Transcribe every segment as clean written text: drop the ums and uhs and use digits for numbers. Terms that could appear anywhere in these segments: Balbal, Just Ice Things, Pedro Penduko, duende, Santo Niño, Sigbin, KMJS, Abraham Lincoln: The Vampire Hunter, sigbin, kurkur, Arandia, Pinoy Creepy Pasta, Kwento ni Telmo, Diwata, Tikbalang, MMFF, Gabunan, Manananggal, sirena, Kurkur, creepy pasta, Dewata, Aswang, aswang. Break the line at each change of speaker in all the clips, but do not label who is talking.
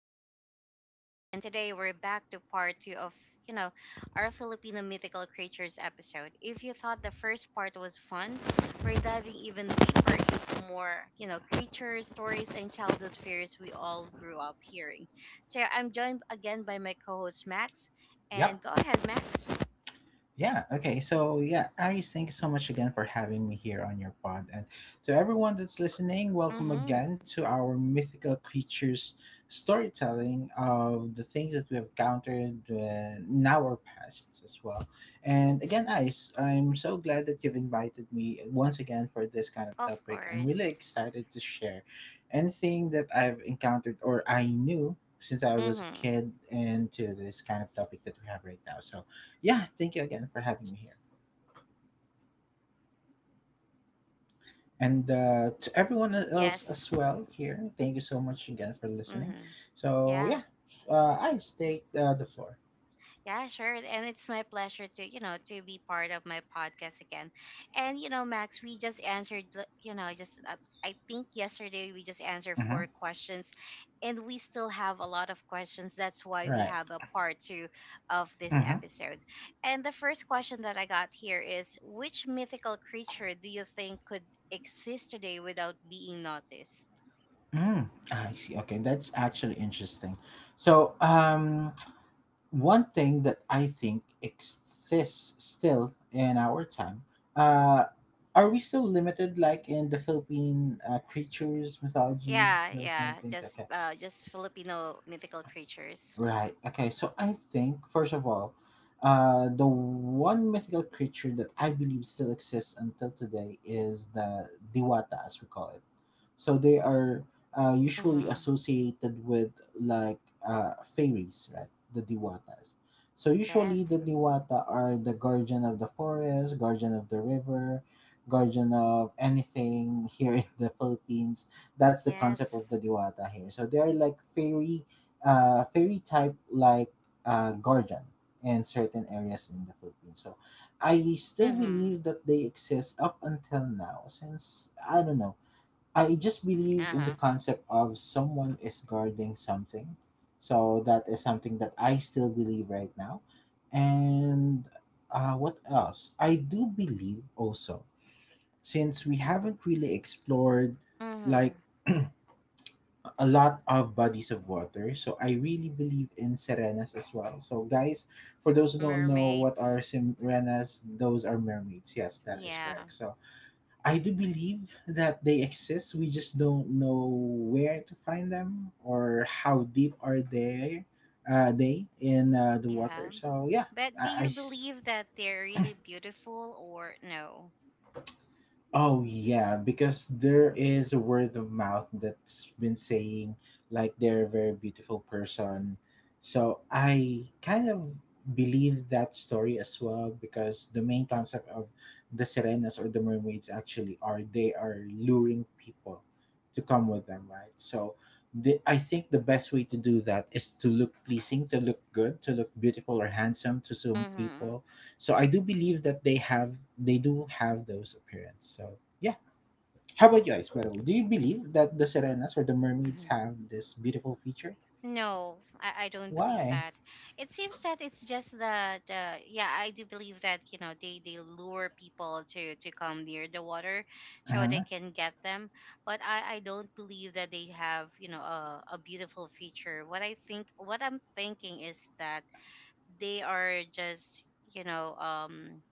I'm your host Ice and today we're back to part 2 of, you know, our Filipino mythical creatures episode. If you thought the first part was fun, we're diving even deeper into more, creatures, stories and childhood fears we all grew up hearing. So I'm joined again by my co-host Max and
Yep.
go ahead Max.
Yeah. Okay. So, yeah, guys, thank you so much again for having me here on your pod. And to everyone that's listening, welcome
Mhm.
again to our mythical creatures storytelling of the things that we have encountered in our pasts as well. And again, Ice, I'm so glad that you've invited me once again for this kind of
Of
topic. I'm really
course.
excited to share anything that I've encountered or I knew since I was a
Mhm.
kid and to this kind of topic that we have right now. So, yeah, thank you again for having me here. And to everyone else
Yes.
as well here, thank you so much again for listening.
Mhm.
So,
Yeah.
yeah, I stake the floor.
Yeah, sure. And it's my pleasure to, to be part of my podcast again. And, Max, we just answered, I think yesterday we just answered
Mm-hmm.
four questions and we still have a lot of questions. That's why we
Right.
have a part two of this
Mm-hmm.
episode. And the first question that I got here is which mythical creature do you think could exist today without being noticed?
Mm. I see. Okay, that's actually interesting. So, one thing that I think exists still in our time, uh, are we still limited, like in the Philippine creatures, mythologies,
Yeah,
those kind of
yeah,
things? Okay.
just Filipino mythical creatures.
Right. Okay. So I think first of all, the one mythical creature that I believe still exists until today is the Diwata, as we call it. So they are usually
Mm-hmm.
associated with like fairies, right? The diwatas. So usually
Yes.
the diwata are the guardian of the forest, guardian of the river, guardian of anything here in the Philippines. That's the concept
Yes.
of the diwata here. So they are like fairy, fairy type like guardian in certain areas in the Philippines. So I still
Mm-hmm.
believe that they exist up until now since I don't know, I just believe in the
Uh-huh.
concept of someone is guarding something. So that is something that I still believe right now. And what else? I do believe also, since we haven't really explored
Mm-hmm.
like a lot of bodies of water, so I really believe in serenas as well. So, guys, for those who don't know what
Mermaids.
are serenas, those are mermaids. Yes, that is
Yeah.
correct. So, I do believe that they exist. We just don't know where to find them or how deep are they in the water.
Yeah.
So yeah,
But do
I, I
you
s-
believe that they're really beautiful or no?
Oh yeah, because there is a word of mouth that's been saying like they're a very beautiful person. So I kind of believe that story as well because the main concept of the sirenas or the mermaids actually are they are luring people to come with them, right? So I think the best way to do that is to look pleasing, to look good, to look beautiful or handsome to some
Mm-hmm.
people, so I do believe that they do have those appearance. So yeah. How about you guys, by the way? Do you believe that the sirenas or the mermaids
Mhm.
have this beautiful feature?
No, I don't believe
Why?
that. It seems that it's just that, yeah, I do believe that, they lure people to come near the water so they
Uh-huh.
can get them. But I don't believe that they have, a beautiful feature. What I think, what I'm thinking is that they are just you know um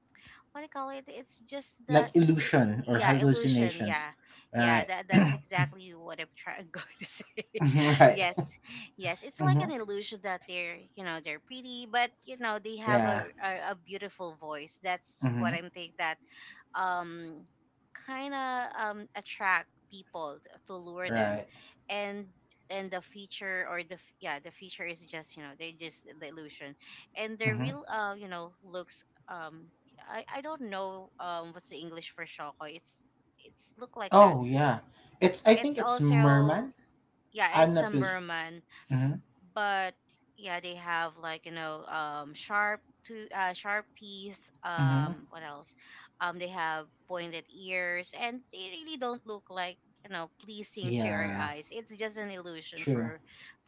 what do you call it? It's just the
Like illusion or
yeah illusion.
hallucinations.
Yeah, yeah.
Right.
That that's exactly what I'm trying going to say.
Right.
Yes, yes. It's like an
Mm-hmm.
illusion that they're pretty, but you know they have
Yeah.
a beautiful voice. That's what
Mm-hmm.
I'm think that um kind of attract people to lure them,
Right.
and and the feature or yeah the feature is just you know they're just the illusion and the
Mm-hmm.
real you know looks I don't know what's the English for shoko. It's look like that.
Oh yeah. It's, I think
It's
it's
also
merman.
yeah,
I'm
it's
not really.
samburman
Mm-hmm.
but yeah, they have like you know sharp to sharp teeth.
Mm-hmm.
What else? They have pointed ears, and they really don't look like you know pleasing to our
Yeah.
eyes. It's just an illusion
True.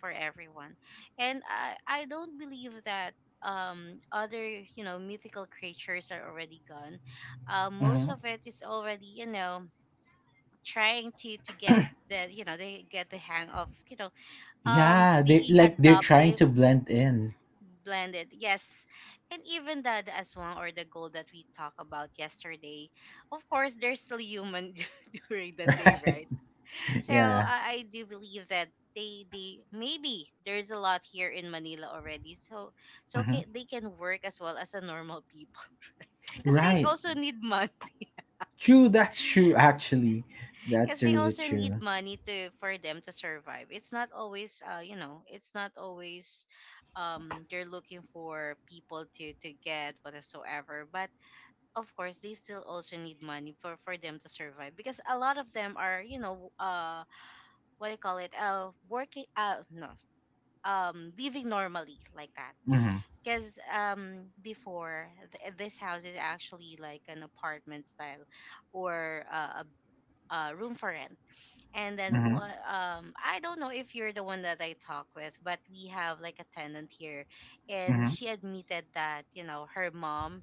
for everyone, and I don't believe that other you know mythical creatures are already gone, most
Mm-hmm.
of it is already you know trying to get the they get the hang of
Yeah, they
being
like they're trying
adopted
to blend in.
blended yes, and even the aswang or the gold that we talked about yesterday, of course they're still human during the day
Right.
right. So
Yeah.
I do believe that they maybe there's a lot here in Manila already, so so
hmm
ca they can work as well as a normal people because they
Right.
also need money,
True. That's true. Actually, that's
because they
really
also need
true.
money to for them to survive. It's not always you know it's not always they're looking for people to get whatsoever, but of course they still also need money for them to survive because a lot of them are you know what do you call it working no living normally like that.
Hmm
Because before this house is actually like an apartment style or a room for rent, and then
hmm
what I don't know if you're the one that I talk with, but we have like a tenant here and
hmm
she admitted that you know her mom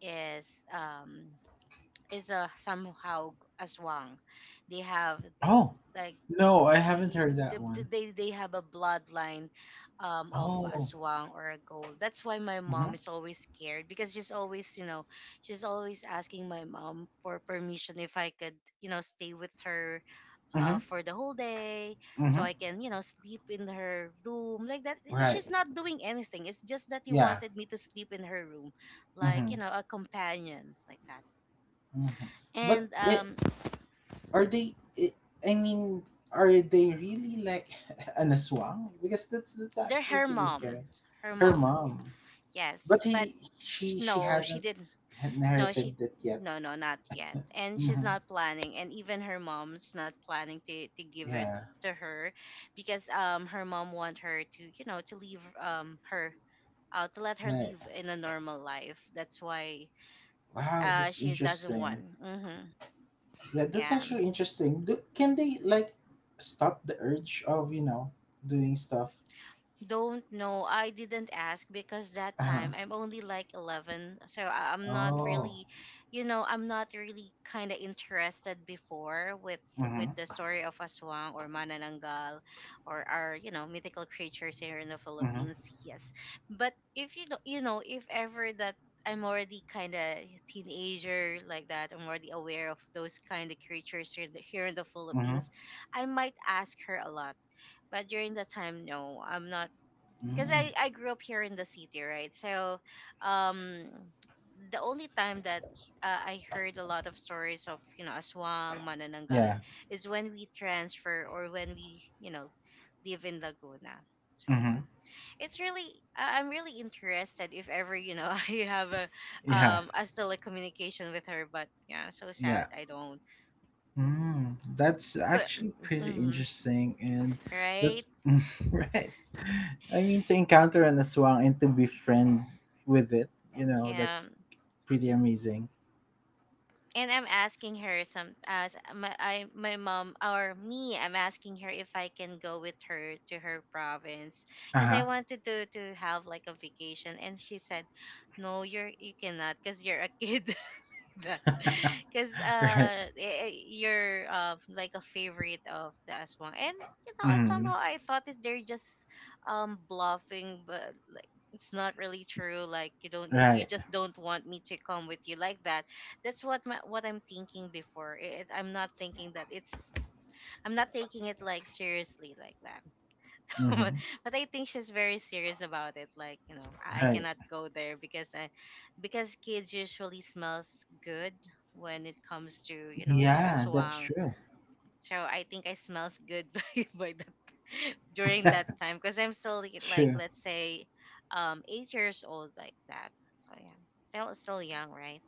is um is a somehow aswang. They have
Oh,
like
no, I haven't
the,
heard that one.
they have a bloodline of
Oh.
aswang or a gold. That's why my mom
hmm
is always scared because she's always you know she's always asking my mom for permission if I could you know stay with her
hmm
for the whole day so
hmm
I can, you know, sleep in her room. Like that, eh,
Right.
she's not doing anything. It's just that he
Yeah.
wanted me to sleep in her room, like,
hmm
you know, a companion, like that.
hmm But
And
it are they? I mean, are they really like an aswang? Because that's
they're
actually
her
pretty scary. Her
mom
mom,
yes
but
but
he she
no she
hasn't
didn't no she
inherited it yet.
no not yet, and she's
Hmm
not planning, and even her mom's not planning to give it
Yeah.
to her because her mom want her to you know to leave her to let her
Right.
live in a normal life, that's why
Wow, that's
she doesn't want
interesting.
hmm
Yeah, that's
yeah.
actually interesting. Can they like stop the urge of, you know, doing stuff?
Don't know. I didn't ask because that
Uh huh.
time I'm only like 11. So I'm not
Oh.
really, you know, I'm not really kind of interested before with
Mhm.
the story of Aswang or Manananggal or our, you know, mythical creatures here in the
Mhm.
Philippines. Yes. But if you know, you know, if ever that I'm already kind of teenager like that, I'm already aware of those kind of creatures here in the
Mhm.
Philippines, I might ask her a lot but during that time no I'm not because
Mm.
I grew up here in the city, right? So, um, the only time that I heard a lot of stories of you know Aswang, Manananggal
Yeah.
is when we transfer or when we you know live in Laguna. So yeah,
Mhm.
it's really I'm really interested if ever you know I have a
Yeah.
um a still a communication with her, but yeah, so sad
Yeah.
I don't.
Mm. That's
But
actually pretty
mm-hmm,
interesting, and
right,
that's right. I mean, to encounter an aswang and to befriend with it, you know,
yeah.
that's pretty amazing.
And I'm asking her some as my I my mom or me I'm asking her if I can go with her to her province because
Uh
I wanted to have like a vacation, and she said no you're you cannot because you're a kid that
huh.
because
Right.
you're like a favorite of the aswang, and you know
Mm.
somehow I thought that they're just bluffing but like it's not really true like you don't
Right.
you just don't want me to come with you like that. That's what my, what I'm thinking before I'm not thinking that it's I'm not taking it like seriously like that
hmm
but I think she's very serious about it. Like you know, I
Right.
cannot go there because because kids usually smells good when it comes to you know to
Yeah, that's
aswang.
true.
So I think I smells good by that during that time because I'm still like,
True.
let's say, 8 years old like that. So yeah, still young, right?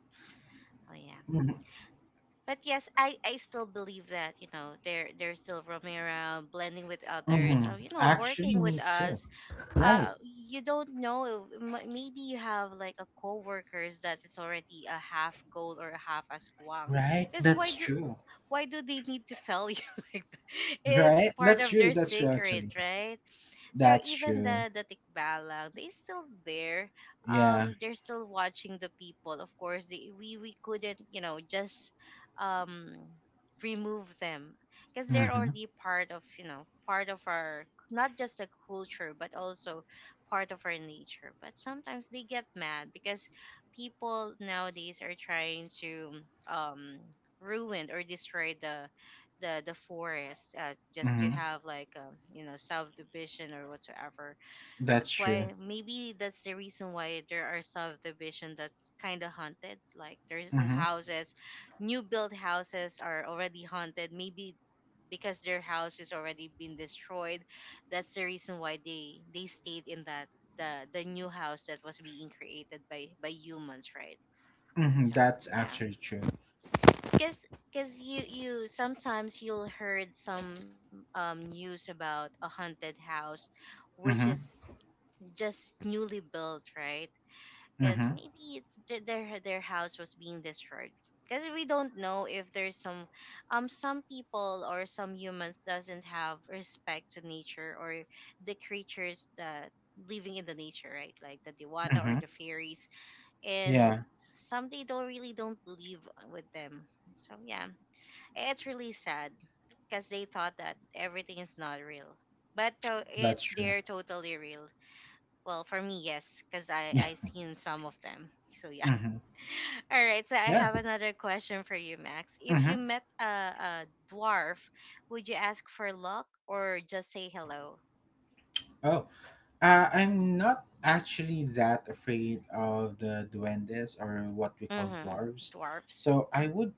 Oh yeah
Mm-hmm.
but yes, I still believe that you know they're still roaming around, blending with others,
Mm-hmm.
or you know
Actually,
working with
me too.
us.
Right.
You don't know. Maybe you have like a coworkers that is already a half gold or a half askwang.
Right.
Because why
That's
do
true.
why do they need to tell you? Like that? It's
Right.
part
That's
of
true.
their
That's true.
secret,
Actually,
right? So
that's
even
true.
the tikbalang, they still there.
Yeah.
They're still watching the people. Of course, they, we couldn't, you know, just um remove them because they're
Mm-hmm.
already part of, you know, part of our not just a culture but also part of our nature. But sometimes they get mad because people nowadays are trying to um ruin or destroy the forest just to
Mm-hmm.
have like you know subdivision or whatsoever.
That's
That's
true.
why maybe that's the reason why there are subdivision that's kind of haunted. Like there's
Mm-hmm.
houses, new built houses are already haunted. Maybe because their house is already been destroyed. That's the reason why they stayed in that the new house that was being created by humans, right?
Mm-hmm.
So
That's
yeah,
actually true.
Cause, cause you sometimes you'll heard some news about a haunted house, which is
Mm-hmm.
just newly built, right? Because
Mm-hmm.
maybe it's their house was being destroyed. Because we don't know if there's some people or some humans doesn't have respect to nature or the creatures that living in the nature, right? Like the Dewata or
Mm-hmm.
the fairies, and
Yeah.
some they don't really don't believe with them. So yeah, it's really sad because they thought that everything is not real, but
That's
it's
true.
they're totally real. Well, for me, yes, because I
Yeah.
I seen some of them. So yeah.
Mm-hmm.
All right. So I
Yeah.
have another question for you, Max. If you
Mm-hmm.
met a dwarf, would you ask for luck or just say hello?
Oh. I'm not actually that afraid of the duendes or what we call
Mm-hmm.
dwarves.
Dwarfs.
So I would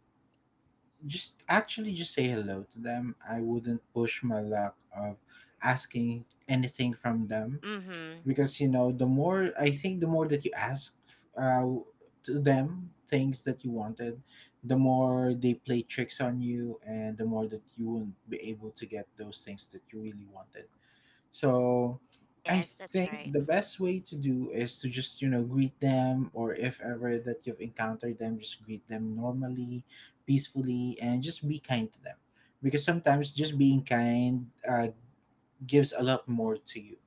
just actually just say hello to them. I wouldn't push my luck of asking anything from them
Mm-hmm.
because you know the more that you ask uh, to them things that you wanted, the more they play tricks on you and the more that you won't be able to get those things that you really wanted. So I
Yes, that's
think
right.
the best way to do is to just, you know, greet them or if ever that you've encountered them, just greet them normally, peacefully, and just be kind to them. Because sometimes just being kind gives a lot more to you.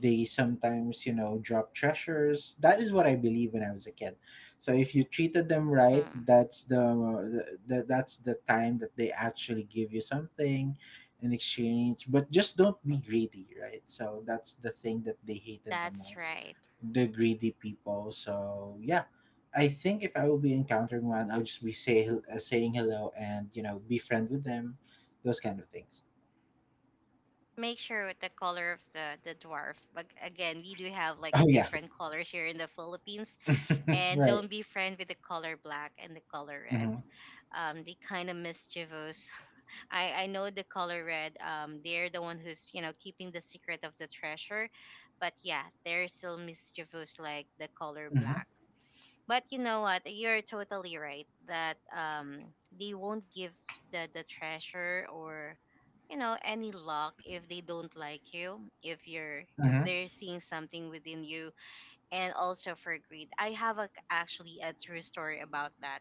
They sometimes, you know, drop treasures. That is what I believe when I was a kid. So if you treated them right,
Mm,
that's the that's the time that they actually give you something in exchange. But just don't be greedy, right? So that's the thing that they hated the
that's right.
most, the greedy people. So yeah, I think if I will be encountering one, I'll just be saying hello and you know be friend with them, those kind of things.
Make sure with the color of the dwarf, but again we do have like a
Oh yeah,
different colors here in the Philippines, and
right.
don't be friend with the color black and the color red.
Mm-hmm.
They kind of mischievous. I know the color red they're the one who's you know keeping the secret of the treasure, but yeah they're still mischievous like the color
Mhm.
black, but you know what? You're totally right that they won't give the treasure or you know any luck if they don't like you, if you're if
Mhm.
they're seeing something within you. And also for greed, actually a true story about that.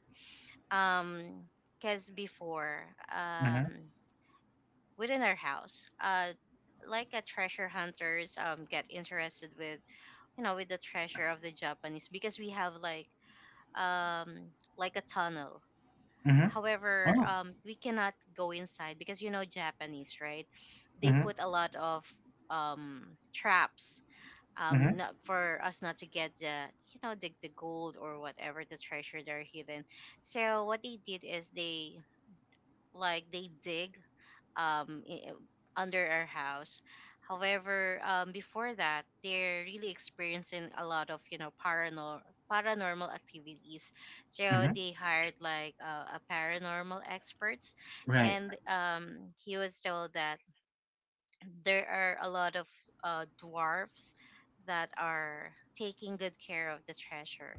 Um because before
Mhm.
um Within our house, like a treasure hunters get interested with you know with the treasure of the Japanese, because we have um, like a tunnel.
Mhm.
However,
Oh.
we cannot go inside because you know Japanese, right? They
Mhm.
put a lot of traps,
Mhm.
not for us not to get the you know the gold or whatever the treasure they're hidden. So what they did is they like they dig, um, i- under our house. However, before that, they're really experiencing a lot of you know paranormal activities. So
Mhm.
they hired like a paranormal experts,
Right.
and he was told that there are a lot of dwarfs that are taking good care of the treasure,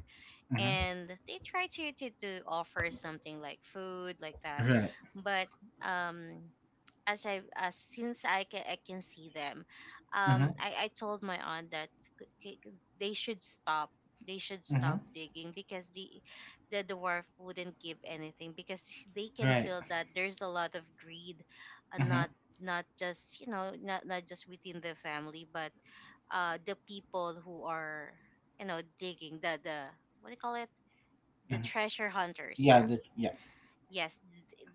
Mhm.
and they try to, to offer something like food like that.
Right.
But um as I as since I can see them,
Mhm.
I told my aunt that k- k- they should stop. They should
Mhm.
stop digging because the dwarf wouldn't give anything, because they can
Right.
feel that there's a lot of greed, and
Mhm.
not not just you know not just within the family, but the people who are you know digging the what do you call it, the
Mhm.
treasure hunters,
Yeah,
yeah.
the yeah.
Yes,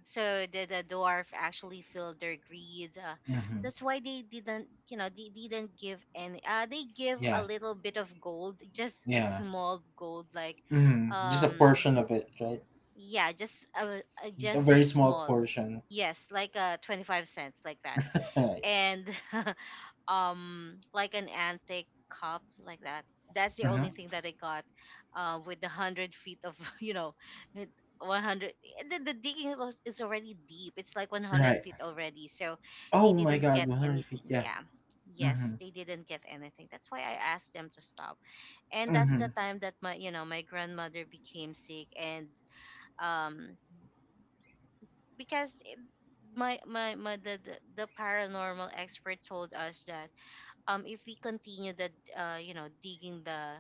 so the dwarf actually filled their greed,
Mhm.
that's why they didn't you know they didn't give any, they give a
Yeah.
little bit of gold, just a
Yeah.
small gold like.
Mhm. Just a
um
portion of it, right?
yeah,
A
just
very small
small.
portion.
Yes, like 25¢ like that,
Right.
and like an antique cup like that, that's the only
Mhm.
thing that I got, with the 100 feet of you know, with 100, the digging is is already deep, it's like 100
Right.
feet already. So they
Oh my
didn't
God,
get
100 feet.
anything,
Yeah.
yeah. Yes,
Mhm.
they didn't get anything, that's why I asked them to stop. And that's the
Mhm.
time that my you know my grandmother became sick. And um because it- my the paranormal expert told us that if we continue the you know digging the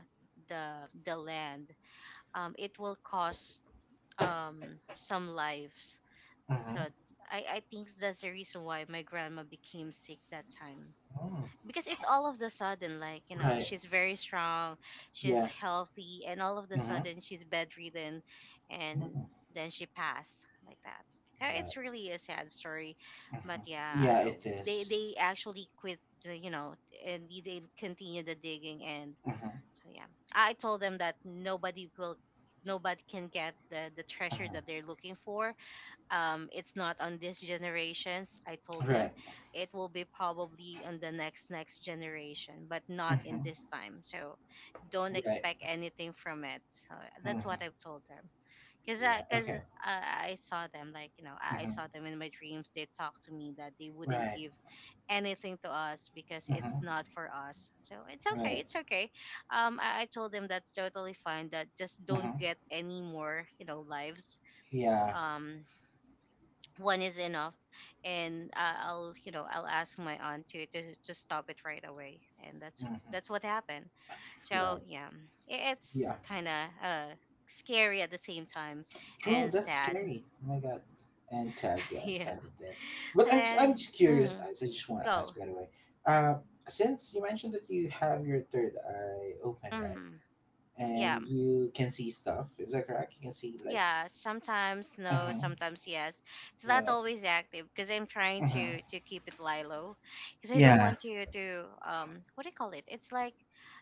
the land, it will cost some lives. So
Mhm.
I think that's the reason why my grandma became sick that time,
Mm.
because it's all of the sudden, like you know,
Right.
she's very strong, she's
Yeah.
healthy, and all of the
Mhm.
sudden she's bedridden, and
Mhm.
then she passed like that. So
Right.
it's really a sad story. But
Mhm. Yeah,
yeah,
it is.
they actually quit the, you know, and they continue the digging. And
Mhm.
so yeah, I told them that nobody will nobody can get the treasure
Mhm.
that they're looking for. It's not on these generations, I told
Right.
them. It will be probably on the next next generation, but not in
Mhm.
this time. So don't
Right.
expect anything from it. So that's
Mm-hmm.
what I've told them.
Yeah.
Cause
Okay.
I saw them, like you know I
Mm-hmm.
saw them in my dreams. They talked to me that they wouldn't
Right.
give anything to us because
Mm-hmm.
it's not for us. So it's okay,
Right.
it's okay. I told them that's totally fine. That just
Mm-hmm.
don't get any more you know lives.
Yeah.
Um, one is enough, and I- I'll you know I'll ask my aunt to to stop it right away, and
Mm-hmm.
that's what happened. So
Right.
yeah, it's
Yeah.
kind of scary at the same time,
True.
and
That's
sad.
scary. Oh my god. And sad. Yeah. It's
Yeah,
sad and death. But
and
I'm
then.
just curious.
Mhm,
As I just want to
go.
ask, by the way, uh, since you mentioned that you have your third eye open, right,
Hmm, yeah.
and you can see stuff, is that correct? You can see like.
Yeah sometimes, no
Mm-hmm.
sometimes yes. It's not
Right.
always active because I'm trying to
Mm-hmm.
keep it lie low, because I don't
Yeah.
want you to what do you call it, it's like,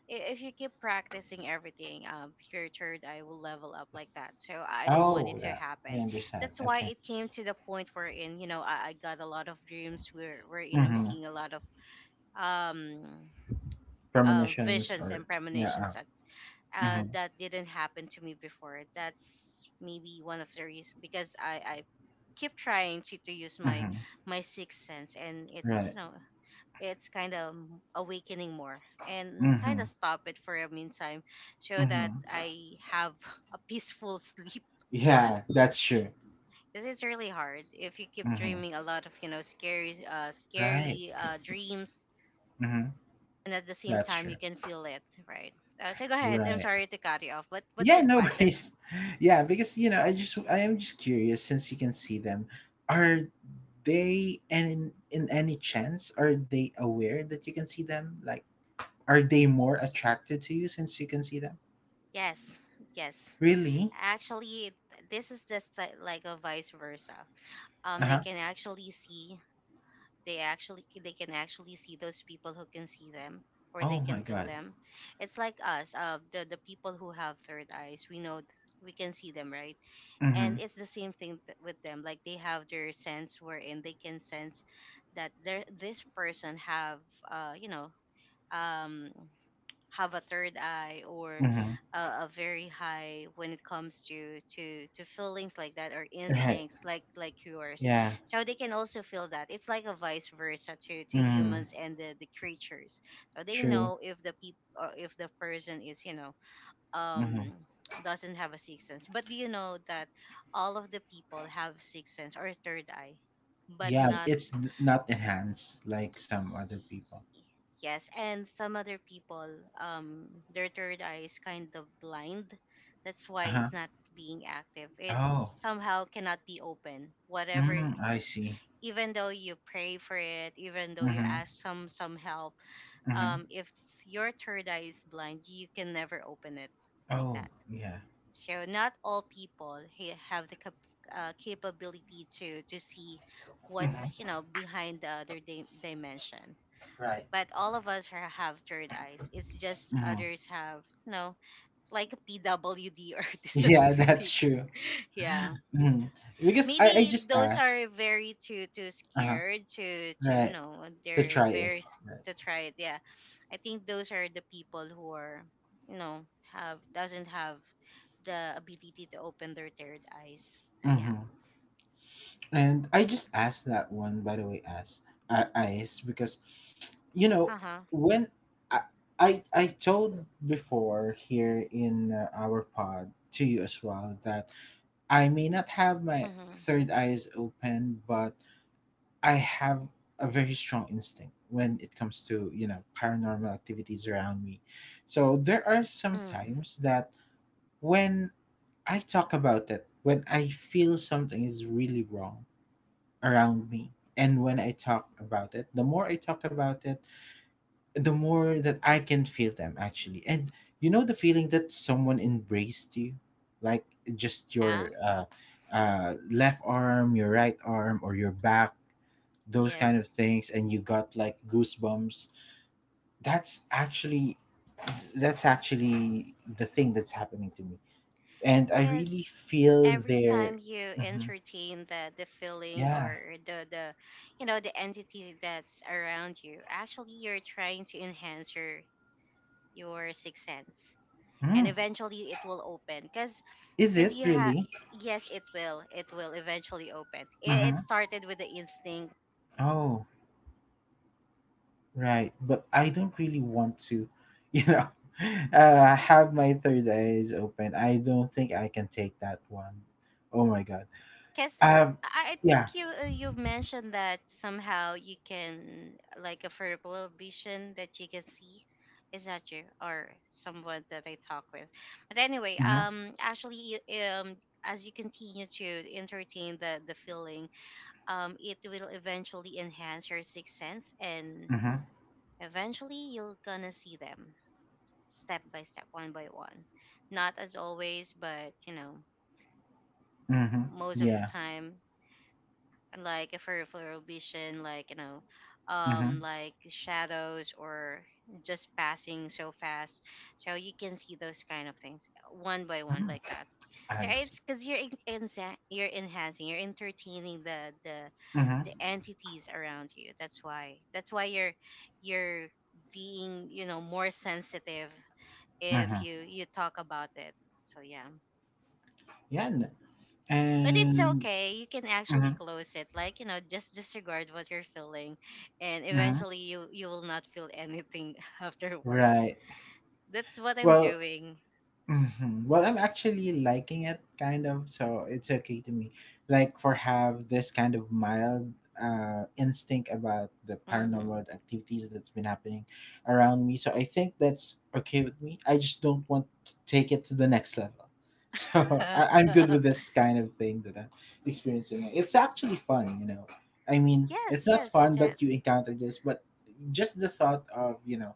if you keep practicing everything, your third eye will level up like that, so I don't want it
Oh,
to
yeah. I
happen.
understand.
That's why
Okay.
it came to the point where in you know I got a lot of dreams wherein I'm
Mm-hmm.
seeing a lot of um
Premonitions
visions and
or yeah.
premonitions at,
Uh,
that didn't happen to me before. That's maybe one of the reasons because I keep trying to use my
mm-hmm.
my sixth sense, and it's you
Right.
know it's kind of awakening more, and kind
Mm-hmm.
of stop it for a meantime, so that
Mm-hmm.
I have a peaceful sleep.
Yeah, that's true.
Because it's really hard if you keep
Mm-hmm.
dreaming a lot of you know scary
Right.
scary dreams,
Mm-hmm.
and at the same
That's
time
true.
you can feel it, right. So go ahead, I'm
Right.
sorry to cut you off, but what's
Yeah,
your
no
question?
worries. Yeah, because you know, I am just curious since you can see them, are they, and in any chance are they aware that you can see them? Like are they more attracted to you since you can see them?
Yes, yes,
Really?
actually this is just like a vice versa. They
Uh-huh.
can actually see, they actually they can actually see those people who can see them, or they
Oh
can
my
feel
god.
them. It's like us, the people who have third eyes, we know we can see them, right.
Mm-hmm.
And it's the same thing with them, like they have their sense wherein they can sense that there this person have you know um have a third eye, or
Mm-hmm.
a very high when it comes to to feelings like that, or
Right.
instincts like yours.
Yeah.
So they can also feel that, it's like a vice versa to
Mm-hmm.
humans and the creatures. So they
True.
know if the people, if the person is you know
Mm-hmm.
um doesn't have a sixth sense. But do you know that all of the people have sixth sense or third eye, but
Yeah,
not.
not enhanced like some other people.
Yes, and some other people, their third eye is kind of blind. That's why
Uh-huh.
it's not being active.
Oh.
It's somehow cannot be open, whatever,
Mm, I see.
even though you pray for it, even though you
Mm-hmm.
ask some help,
Mm-hmm.
if your third eye is blind, you can never open it like
Oh,
that.
yeah.
So not all people have the capability to see what's you
Mm-hmm.
know behind the other dimension.
Right.
But all of us are, have third eyes. It's just
Mm-hmm.
others have, you know, like PWD or
Yeah, that's
disability.
true.
Yeah,
Mm-hmm. Because I
maybe
just
those
asked.
are very too
Uh-huh.
scared to you
Right.
know
To
they're
try it.
very
Right.
to try it. Yeah, I think those are the people who are you know have doesn't have the ability to open their third eyes. So yeah.
Mm-hmm. And I just asked that one, by the way, as I, Ice, because, you know,
Uh huh.
when I, I told before here in our pod to you as well that I may not have my
Mhm.
third eyes open, but I have a very strong instinct when it comes to, you know, paranormal activities around me. So there are some
Mm.
times that when I talk about it, when I feel something is really wrong around me, and when I talk about it, the more I talk about it, the more that I can feel them actually. And you know the feeling that someone embraced you, like just
Yeah.
your left arm, your right arm, or your back, those kind of
Yes.
things, and you got like goosebumps. That's actually that's actually the thing that's happening to me, and I really
Cause
feel
every
their.
time you
Mhm.
entertain the feeling,
Yeah.
or the you know the entity that's around you, actually you're trying to enhance your sixth sense, and
Mm.
eventually it will open,
Is
because
it
you have
really?
yes, it will, it will eventually open it, it
Hmm
started with the instinct.
Oh. Right, but I don't really want to, you know, have my third eyes open. I don't think I can take that one. Oh my god.
Because
Um,
I think
yeah.
you, you mentioned that somehow you can like a verbal vision that you can see. Is that you or someone that I talk with? But anyway,
Mhm.
actually, as you continue to entertain the feeling, it will eventually enhance your sixth sense, and
Mhm.
eventually you're gonna see them step by step, one by one. Not as always, but you know,
Mhm.
most of the
Yeah.
time, and like for vision like you know
Mhm.
like shadows, or just passing so fast, so you can see those kind of things one by one
Mhm.
like that. So
I see.
it's because you're you're enhancing, you're entertaining
Mhm.
the entities around you, that's why you're being you know more sensitive if
Mhm.
you you talk about it. So yeah.
Yeah.
But it's
And.
okay, you can actually
Mhm.
close it, like you know just disregard what you're feeling, and
Mhm.
eventually you you will not feel anything afterwards.
Right.
That's what I'm
Well,
doing.
hmm well, I'm actually liking it kind of, so it's okay to me. Like for have this kind of mild instinct about the
Hmm.
paranormal activities that's been happening around me. So I think that's okay with me. I just don't want to take it to the next level. So I'm good with this kind of thing that I'm experiencing. It's actually fun, you know. I mean,
Yes,
it's not
yes, is
fun
that
that you encounter this, but just the thought of, you know,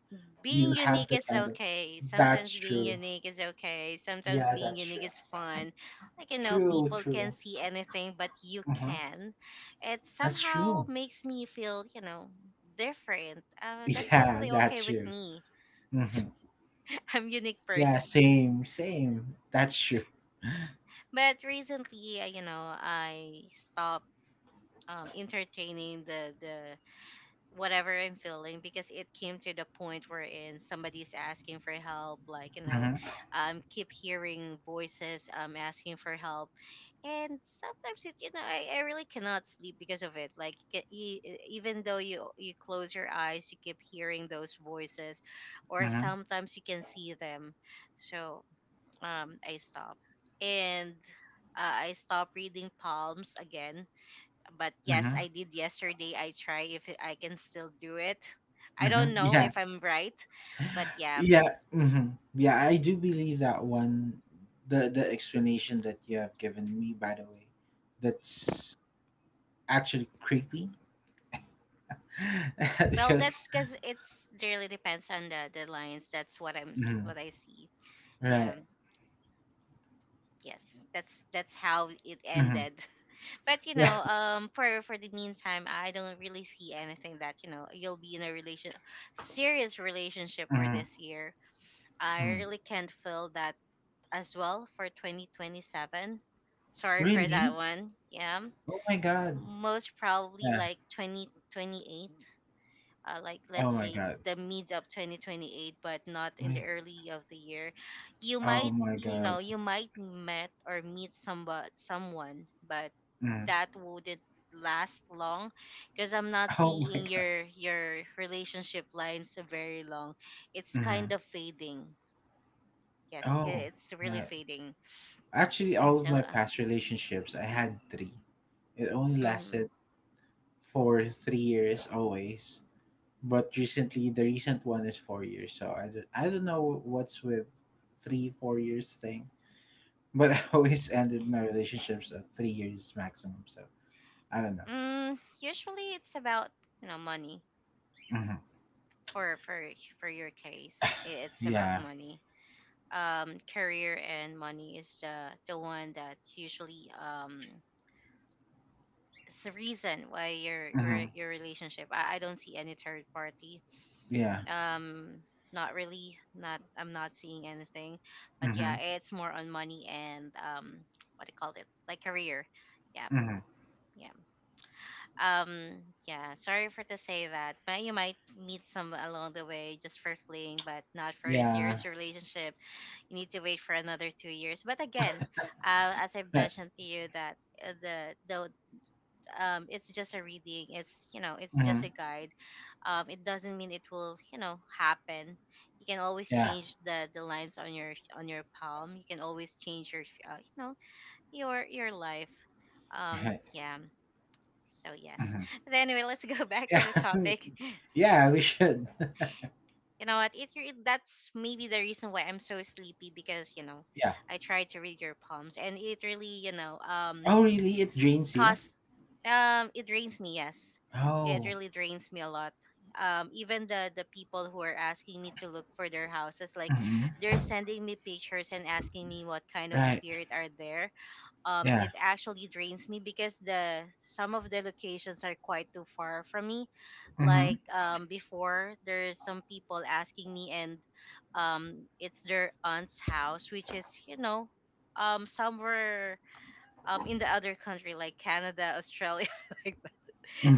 you
being
have
unique
that
is
kind of,
okay,
that's
sometimes
true. Yeah,
being
that's true.
unique is fun. Like you know
True,
people can
true.
see anything, but you
Hmm
can, it
That's
somehow
true.
makes me feel you know different, that's
Yeah,
totally okay
that's
with
true.
me.
Hmm
I'm unique
Yeah,
person.
same, same. That's true.
But recently, you know, I stopped entertaining the whatever I'm feeling, because it came to the point wherein somebody's asking for help. Like you know,
Hmm
keep hearing voices asking for help, and sometimes it you know I really cannot sleep because of it. Like even though you close your eyes, you keep hearing those voices, or
hmm
sometimes you can see them. So I stopped. And I stopped reading palms again. But yes,
hmm
I did yesterday. I try if I can still do it. I
hmm
don't know
Yeah,
if I'm right, but yeah.
yeah, hmm yeah. I do believe that one. The explanation that you have given me, by the way, that's actually creepy,
Well,
because
that's because it's it really depends on the lines. That's what
mhm,
what I see. Yeah.
right.
Yes. That's how it
hmm
ended. But you
Yeah.
know, for the meantime, I don't really see anything that you'll be in a relation serious relationship for
hmm
this year. I
hmm
really can't feel that as well for 2027. Sorry for
Really?
that one. Yeah.
Oh my god.
Most probably
Yeah.
like 2028. Like
Oh
let's
my
say
god.
the mid of 2028, but not in the early of the year. You
Oh
might
my god.
you might met or meet somebody someone, but
Mm.
that wouldn't last long because I'm not
Oh my
seeing
god.
your relationship lines very long. It's
Mm.
kind of fading. Yes,
Oh,
it's really
right.
fading.
Actually, all
And
of
so,
my past relationships, I had three. It only
mhm.
lasted for 3 years always. But recently, the recent one is 4 years. So I don't know what's with three, 4 years thing. But I always ended my relationships at 3 years maximum. So I don't know.
Mm, usually it's about, you know, money
hmm
for for your case. It's about
Yeah.
money. Career and money is the one that usually, um, it's the reason why your
hmm
relationship. I don't see any third party.
Yeah.
Um, not really. Not I'm not seeing anything. But yeah,
hmm
it's more on money and, um, what do you call it? Like career. Yeah.
hmm
Yeah. Um, yeah, sorry for to say that, but you might meet some along the way just for fleeing, but not for a
Yeah.
serious relationship. You need to wait for another 2 years. But again, as I've
Right.
mentioned to you that, the um, it's just a reading. It's, you know, it's just a
hmm
guide. Um, it doesn't mean it will, you know, happen. You can always
Yeah.
change the lines on your palm. You can always change your, uh, you know your life. Um,
Right.
yeah, so yes.
Mhm.
But anyway, let's go back to
Yeah.
the topic.
Yeah, we should.
You know what? That's maybe the reason why I'm so sleepy because, you know,
Yeah.
I tried to read your palms and it really, um,
Oh, really? It drains you?
cause um, it drains me. Yes, it
Oh.
really drains me a lot. Even the people who are asking me to look for their houses, like
hmm
they're sending me pictures and asking me what kind of
Right.
spirit are there. Um,
Yeah.
it actually drains me because the some of the locations are quite too far from me. Like, um, before there's some people asking me, and um, it's their aunt's house, which is, you know, um, somewhere, um, in the other country like Canada, Australia, like that.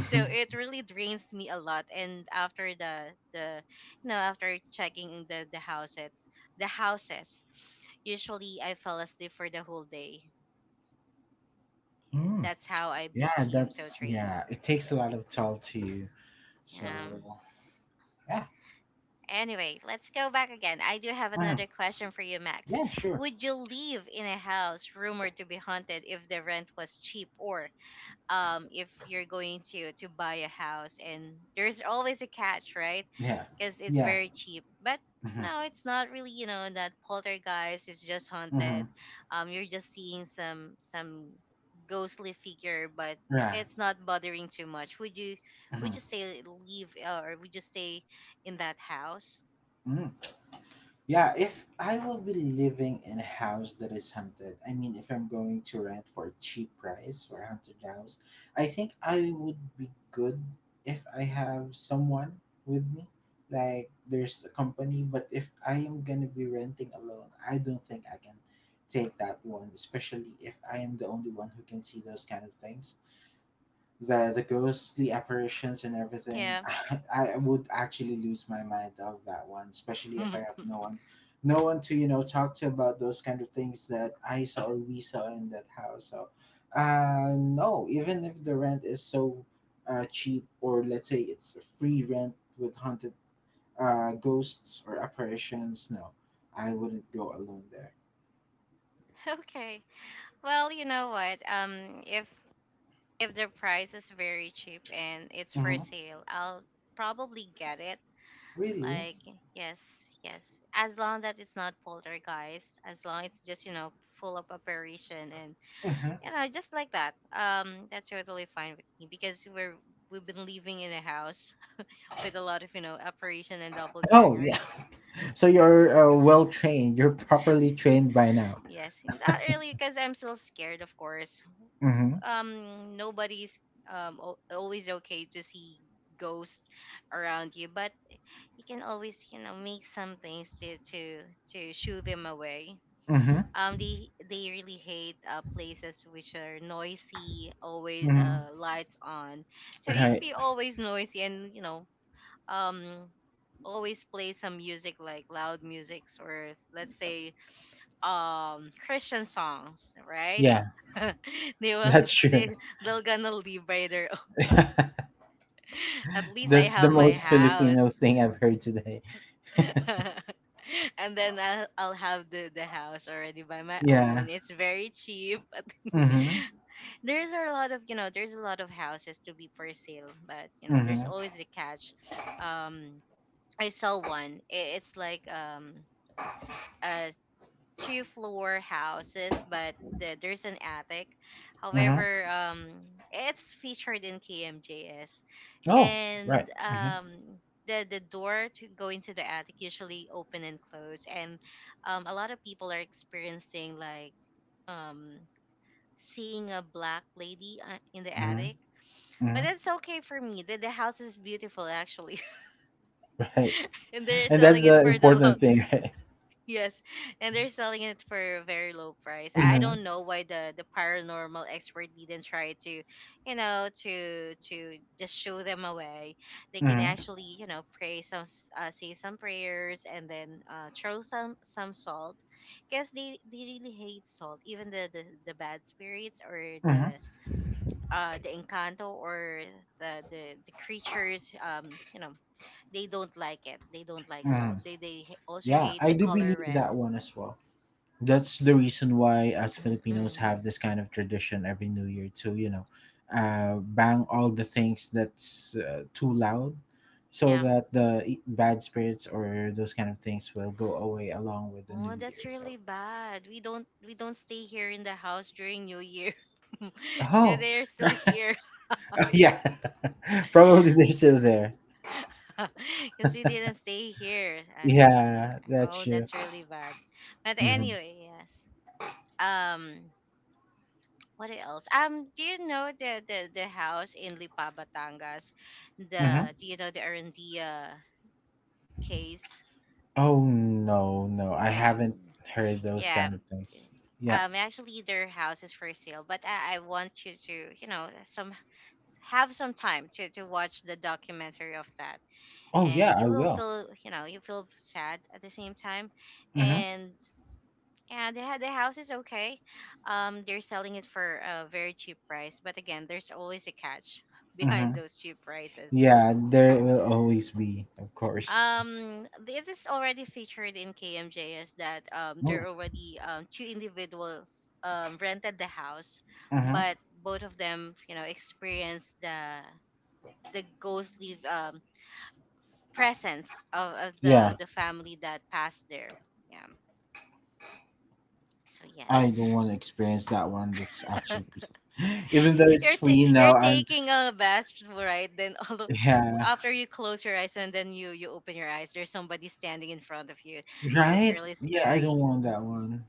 So it really drains me a lot, and after the you know, after checking the houses, the houses usually I fell asleep for the whole day. Yeah,
Mm.
that's how I
Yeah,
became so
yeah,
trained.
it takes a lot of toll to you. So,
Um,
yeah.
anyway, let's go back again. I do have
hmm
another question for you, Max.
Yeah, sure.
Would you live in a house rumored to be haunted if the rent was cheap? Or um, if you're going to buy a house, and there's always a catch, right?
Yeah.
Because it's
Yeah.
very cheap, but you know,
hmm
it's not really, you know, that poltergeist is just haunted.
hmm
Um, you're just seeing some ghostly figure, but
Right.
it's not bothering too much. Would you, would you
hmm
stay, leave, or would you stay in that house?
mm. Yeah, if I will be living in a house that is haunted, I mean, if I'm going to rent for a cheap price for a haunted house, I think I would be good if I have someone with me. Like, there's a company, but if I am gonna be renting alone, I don't think I can take that one, especially if I am the only one who can see those kind of things, the ghostly apparitions and everything.
Yeah.
I would actually lose my mind of that one, especially if I have no one, no one to talk to about those kind of things that I saw or we saw in that house. So uh, no. Even if the rent is so uh, cheap, or let's say it's a free rent with haunted uh, ghosts or apparitions, no, I wouldn't go alone there.
Okay, well, you know what, um, if the price is very cheap and it's for
hmm
sale, I'll probably get it.
Really?
Like, yes, yes. As long that it's not poltergeist, as long it's just, you know, full of apparition and,
hmm
you know, just like that. That's totally fine with me because we're we've been living in a house with a lot of, you know, apparition and
Oh yeah.
doppelgangers.
So you're well trained. You're properly trained by now.
Yes, not really, because I'm still scared, of course.
Mm-hmm.
Nobody's, um, always okay to see ghosts around you, but you can always, you know, make some things to to shoo them away.
Mm-hmm.
Um, they really hate, places which are noisy, always
Mm-hmm.
uh, lights on. So if
Right.
you're always noisy and, you know, um, always play some music like loud musics, or let's say, um, christian songs, right?
Yeah,
They will,
that's true.
they they're gonna live by their own. At least I
That's the
have my
most Filipino
house.
thing I've heard today.
And then I'll have the house already by my
Yeah.
own. It's very cheap.
Mm-hmm.
There's a lot of, you know, there's a lot of houses to be for sale, but you know, there's
Mm-hmm.
always a catch. Um, I saw one. It's like, um, a two floor houses, but there's an attic.
Mm-hmm.
However, it's featured in KMJS,
Oh,
and
right. Mm-hmm.
um, the door to go into the attic usually open and close, and um, a lot of people are experiencing like, um, seeing a black lady, in the
Mm-hmm.
attic. But
Mm-hmm.
that's okay for me. The house is beautiful actually.
Right.
And they're
And that's
selling it
the
for the low.
important thing, right?
Yes, and they're selling it for a very low price. I
Mm-hmm.
don't know why the paranormal expert didn't try to, you know, to just show them a way. They can
Mm-hmm.
actually, you know, pray some, say some prayers, and then throw some salt, because they really hate salt. Even the bad spirits, or
Mm-hmm.
the uh, the encanto, or the creatures, you know, they don't like it. They don't like
Mm-hmm.
salt. They they also
Yeah,
hate
I
the
do
color
believe
red.
that one as well. That's the reason why us Filipinos
Mm-mm.
have this kind of tradition every New Year to bang all the things that's too loud, so
Yeah.
that the e- bad spirits or those kind of things will go away along with the
Oh,
New Year.
that's
So
really bad. We don't, we don't stay here in the house during New Year. So
oh,
they're still here.
yeah, probably they're still there.
Because we didn't stay here. At,
Yeah, that's
oh,
true.
that's really bad. But
hmm
anyway, yes. Um, what else? Do you know the house in Lipa, Batangas?
hmm
The, do you know the Arandia case?
Oh no, no, I
Yeah,
haven't heard those
yeah.
kind of things. Yeah.
Actually, their house is for sale, but I want you to, you know, some have some time to watch the documentary of that,
Oh yeah,
and you
I
will
will.
feel, you know, you feel sad at the same time.
Mm-hmm.
And they had, the house is okay. Um, they're selling it for a very cheap price, but again, there's always a catch behind
Mm-hmm.
those cheap prices.
Yeah, there will always be, of course.
Um, this is already featured in kmjs, that um, there are already, um, two individuals, um, rented the house,
Mm-hmm.
but both of them, you know, experienced the ghostly, um, presence of the
Yeah,
family that passed there. Yeah. So yes.
I don't want to experience that one. That's actually, even though it's free
You're
now, I'm,
taking a bath, right? Then all of,
yeah,
after you close your eyes and then you, open your eyes, there's somebody standing in front of you. So it's
right?
really
Yeah, I don't
scary.
want that one.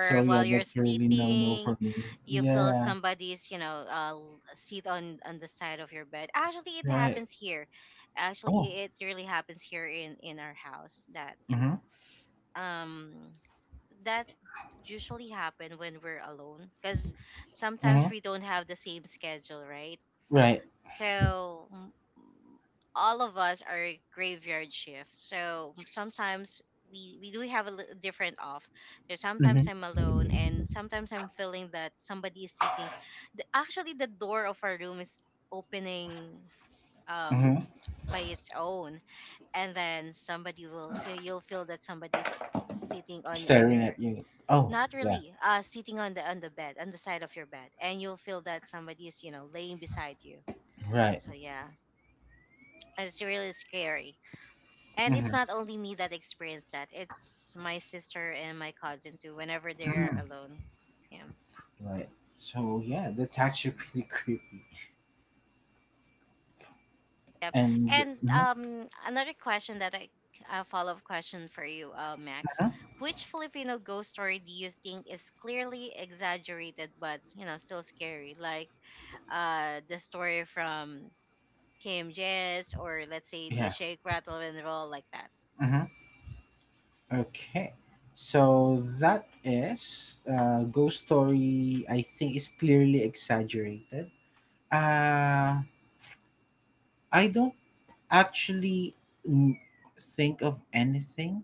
So, yeah,
while you're
that's really no no
sleeping,
for me.
you feel
Yeah,
somebody's, you know, seat on the side of your bed. Actually, it
right.
happens here. Actually,
Oh,
it really happens here in our house. That, you
mm-hmm,
know, um, that usually happen when we're alone, because sometimes
mm-hmm,
we don't have the same schedule, right?
right.
So all of us are graveyard shifts. So sometimes we do have a different off. So sometimes
Mm-hmm,
I'm alone, and sometimes I'm feeling that somebody is sitting. Actually, the door of our room is opening,
mm-hmm.
um, by its own, and then somebody will hear you'll feel that somebody's sitting on
Staring
your,
at you. Oh,
not
yeah,
really. Sitting on the bed, on the side of your bed, and you'll feel that somebody is, you know, laying beside you.
right.
So yeah, it's really scary. And
Mm-hmm,
it's not only me that experienced that. It's my sister and my cousin too. Whenever they're
mm-hmm,
alone. Yeah.
right. So, yeah, that's actually pretty creepy.
Yep.
And,
And
mhm,
another question that I a follow up question for you, Max.
mhm,
Which Filipino ghost story do you think is clearly exaggerated, but you know, still scary? Like, the story from Kim Jess, or let's say the
yeah.
shake, rattle, and roll, like that.
Mhm. Okay, so that is ghost story I think is clearly exaggerated. Uh, I don't actually n- think of anything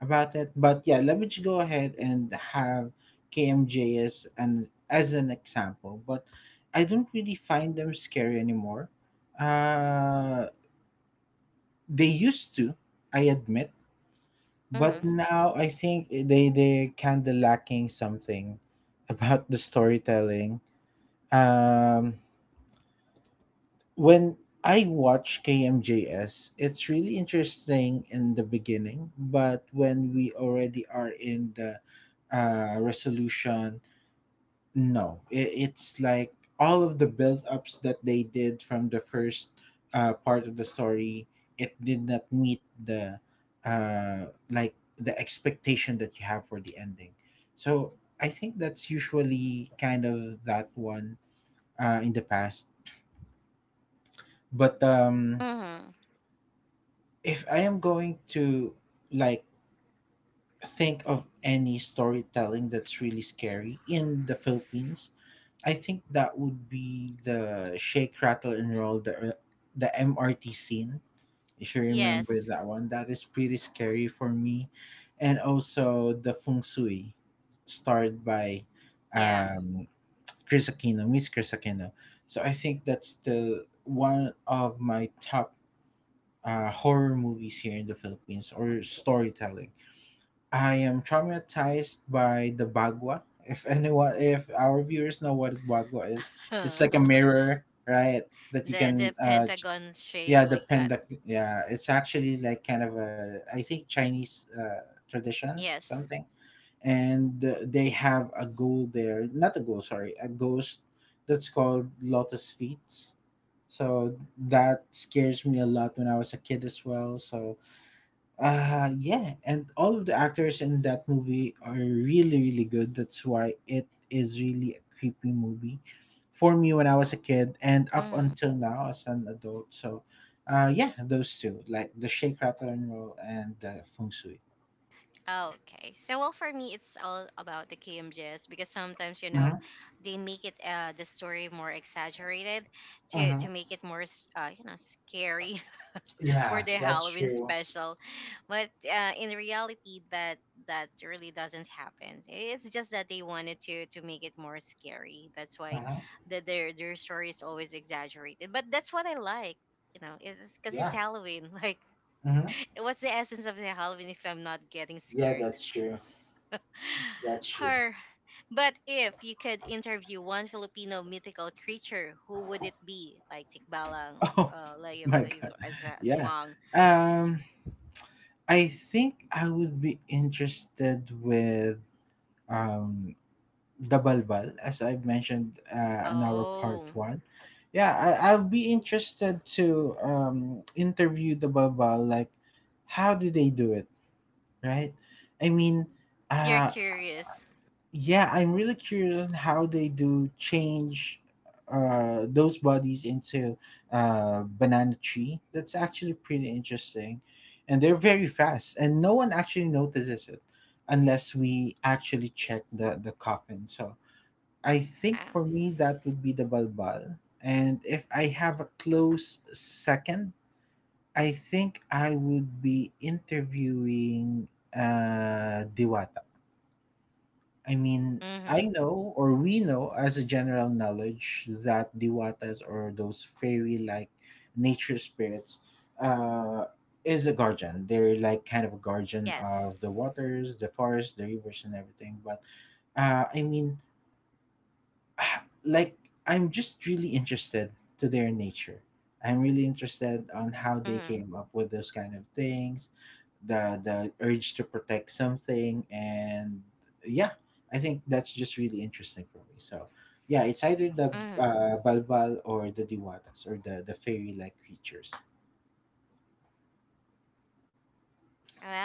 about it, but yeah, let me just go ahead and have KMJ as an example. But I don't really find them scary anymore. Uh, they used to, I admit. But
Mhm.
now I think eh, they kind of lacking something about the storytelling. Um, when I watch KMJS, it's really interesting in the beginning, but when we already are in the resolution, no, it's like all of the build-ups that they did from the first part of the story, it did not meet the like the expectation that you have for the ending. So I think that's usually kind of that one in the past. But
Mhm.
if I am going to like think of any storytelling that's really scary in the Philippines, I think that would be the Shake Rattle and Roll, the MRT scene. If you remember
Yes.
that one, that is pretty scary for me, and also the Feng Shui, starred by
Yeah.
um, Chris Aquino, Miss Chris Aquino. So I think that's the one of my top horror movies here in the Philippines or storytelling. I am traumatized by the Bagua. If anyone, if our viewers know what Bagua is, it's like a mirror, right? That you
The
can, ch-
pentagon shape,
yeah, the
like that.
pendak, yeah, it's actually like kind of a, I think Chinese tradition,
Yes.
something. And they have a ghoul there, not a ghoul, sorry, a ghost that's called Lotus Feet. So that scares me a lot when I was a kid as well. So uh, yeah, and all of the actors in that movie are really really good. That's why it is really a creepy movie for me when I was a kid and up
Mhm.
until now as an adult. So uh, yeah, those two, like the Shake Rattle and Roll and the Feng Shui.
Okay. So well, for me, it's all about the KMJs, because sometimes you know,
Mhm,
they make it, uh, the story more exaggerated to
mhm.
make it more you know, scary for
Yeah,
the
that's
Halloween
true.
special. But in reality, that really doesn't happen. It's just that they wanted to make it more scary. That's why
Mhm.
the, their story is always exaggerated. But that's what I like, you know, is cuz it's
Yeah.
Halloween, like
hmm
what's the essence of the Halloween if I'm not getting
Yeah,
scared?
that's true. That's true.
Her, but if you could interview one Filipino mythical creature, who would it be? Like Tikbalang,
Oh
Layo,
my
Layo,
god. Yeah.
Aswang.
Um, I think I would be interested with um, the Balbal, as I mentioned in our part
Oh,
one. Yeah, I'll be interested to interview the Balbal. Like, how do they do it, right? I mean,
you're
uh,
curious.
yeah, I'm really curious on how they do change those bodies into banana tree. That's actually pretty interesting, and they're very fast, and no one actually notices it unless we actually check the coffin. So I think for
Uh,
me that would be the Balbal. And if I have a close second, I think I would be interviewing Diwata. I mean, I
mm-hmm.
know or we know as a general knowledge that Diwatas or those fairy like nature spirits uh, is a guardian. They're like kind of a guardian
Yes.
of the waters, the forests, the rivers, and everything. But I mean, like I'm just really interested to their nature. I'm really interested on how they
Mm-hmm.
came up with those kind of things, the urge to protect something, and yeah, I think that's just really interesting for me. So yeah, it's either the
Mm-hmm.
balbal or the diwatas or the fairy like creatures.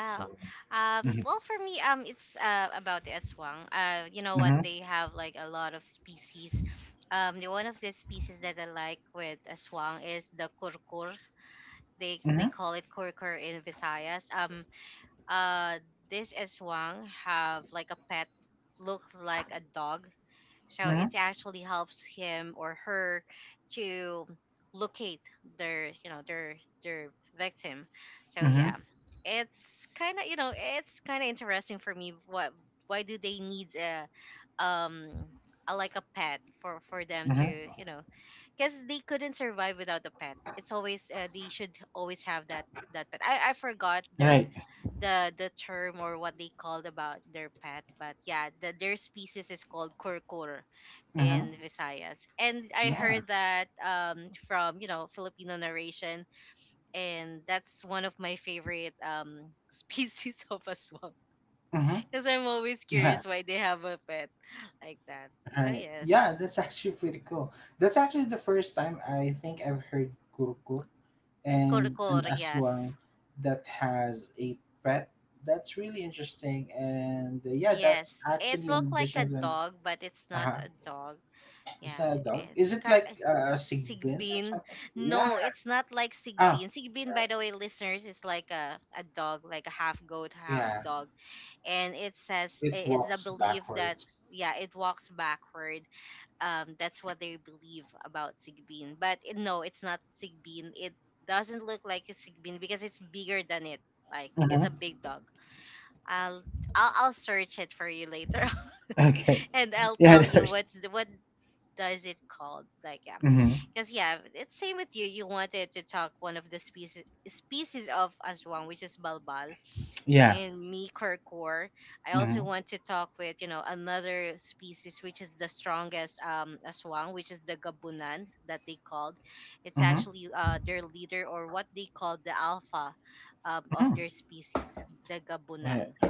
So mm-hmm,
Well, for me, it's about the aswang. You know what?
mm-hmm,
They have like a lot of species. The one of the species that I like with aswang is the kurkur. They
mm-hmm,
call it kurkur in Visayas. Uh, this aswang have like a pet, looks like a dog, so
mm-hmm,
it actually helps him or her to locate their, you know, their their victim. So
mm-hmm,
yeah, it's kind of, you know, it's kind of interesting for me. What why do they need um a, like a pet for them to
mm-hmm,
because they couldn't survive without the pet. It's always they should always have that pet. I forgot the
right,
the term or what they called about their pet, but yeah, the, their species is called kurkur
mm-hmm,
in Visayas. And I
yeah,
heard that from Filipino narration, and that's one of my favorite species of aswang
mm-hmm,
because I'm always
yeah.
curious why they have a pet like that. So
I,
yes,
yeah, that's actually pretty cool. That's actually the first time I think I've heard kurkur and an
kurkur,
aswang
yes.
that has a pet. That's really interesting. And yeah, that's
Yes, it's
actually an
look like a
addition to an.
dog, but it's not
Uh-huh.
a dog.
It's
Yeah,
not a dog. Is
it's
it
ka-
like a sigbin or
Sigbin.
something? Yeah.
No, it's not like
Oh,
Sigbin. Sigbin, by
right.
the way, listeners, is like a dog, like a half goat, half
Yeah.
dog. And
It
it's a
walks
belief that,
backwards.
yeah, it walks backward. That's what they believe about Sigbin. But no, it's not Sigbin. It doesn't look like a Sigbin because it's bigger than it. Like, it's
Mm-hmm.
a big dog. I'll I'll search it for you later
Okay.
and I'll
Yeah.
tell you
There's,
what does it called like, yeah,
mm-hmm.
because yeah it's same with you. You wanted to talk one of the species of aswang, which is balbal,
Yeah.
and me kerkor. I also
Mm-hmm.
want to talk with, you know, another species, which is the strongest aswang, which is the gabunan that they called. It's
Mm-hmm.
actually their leader or what they call the alpha of
Mm-hmm.
their species, the gabunan.
Right.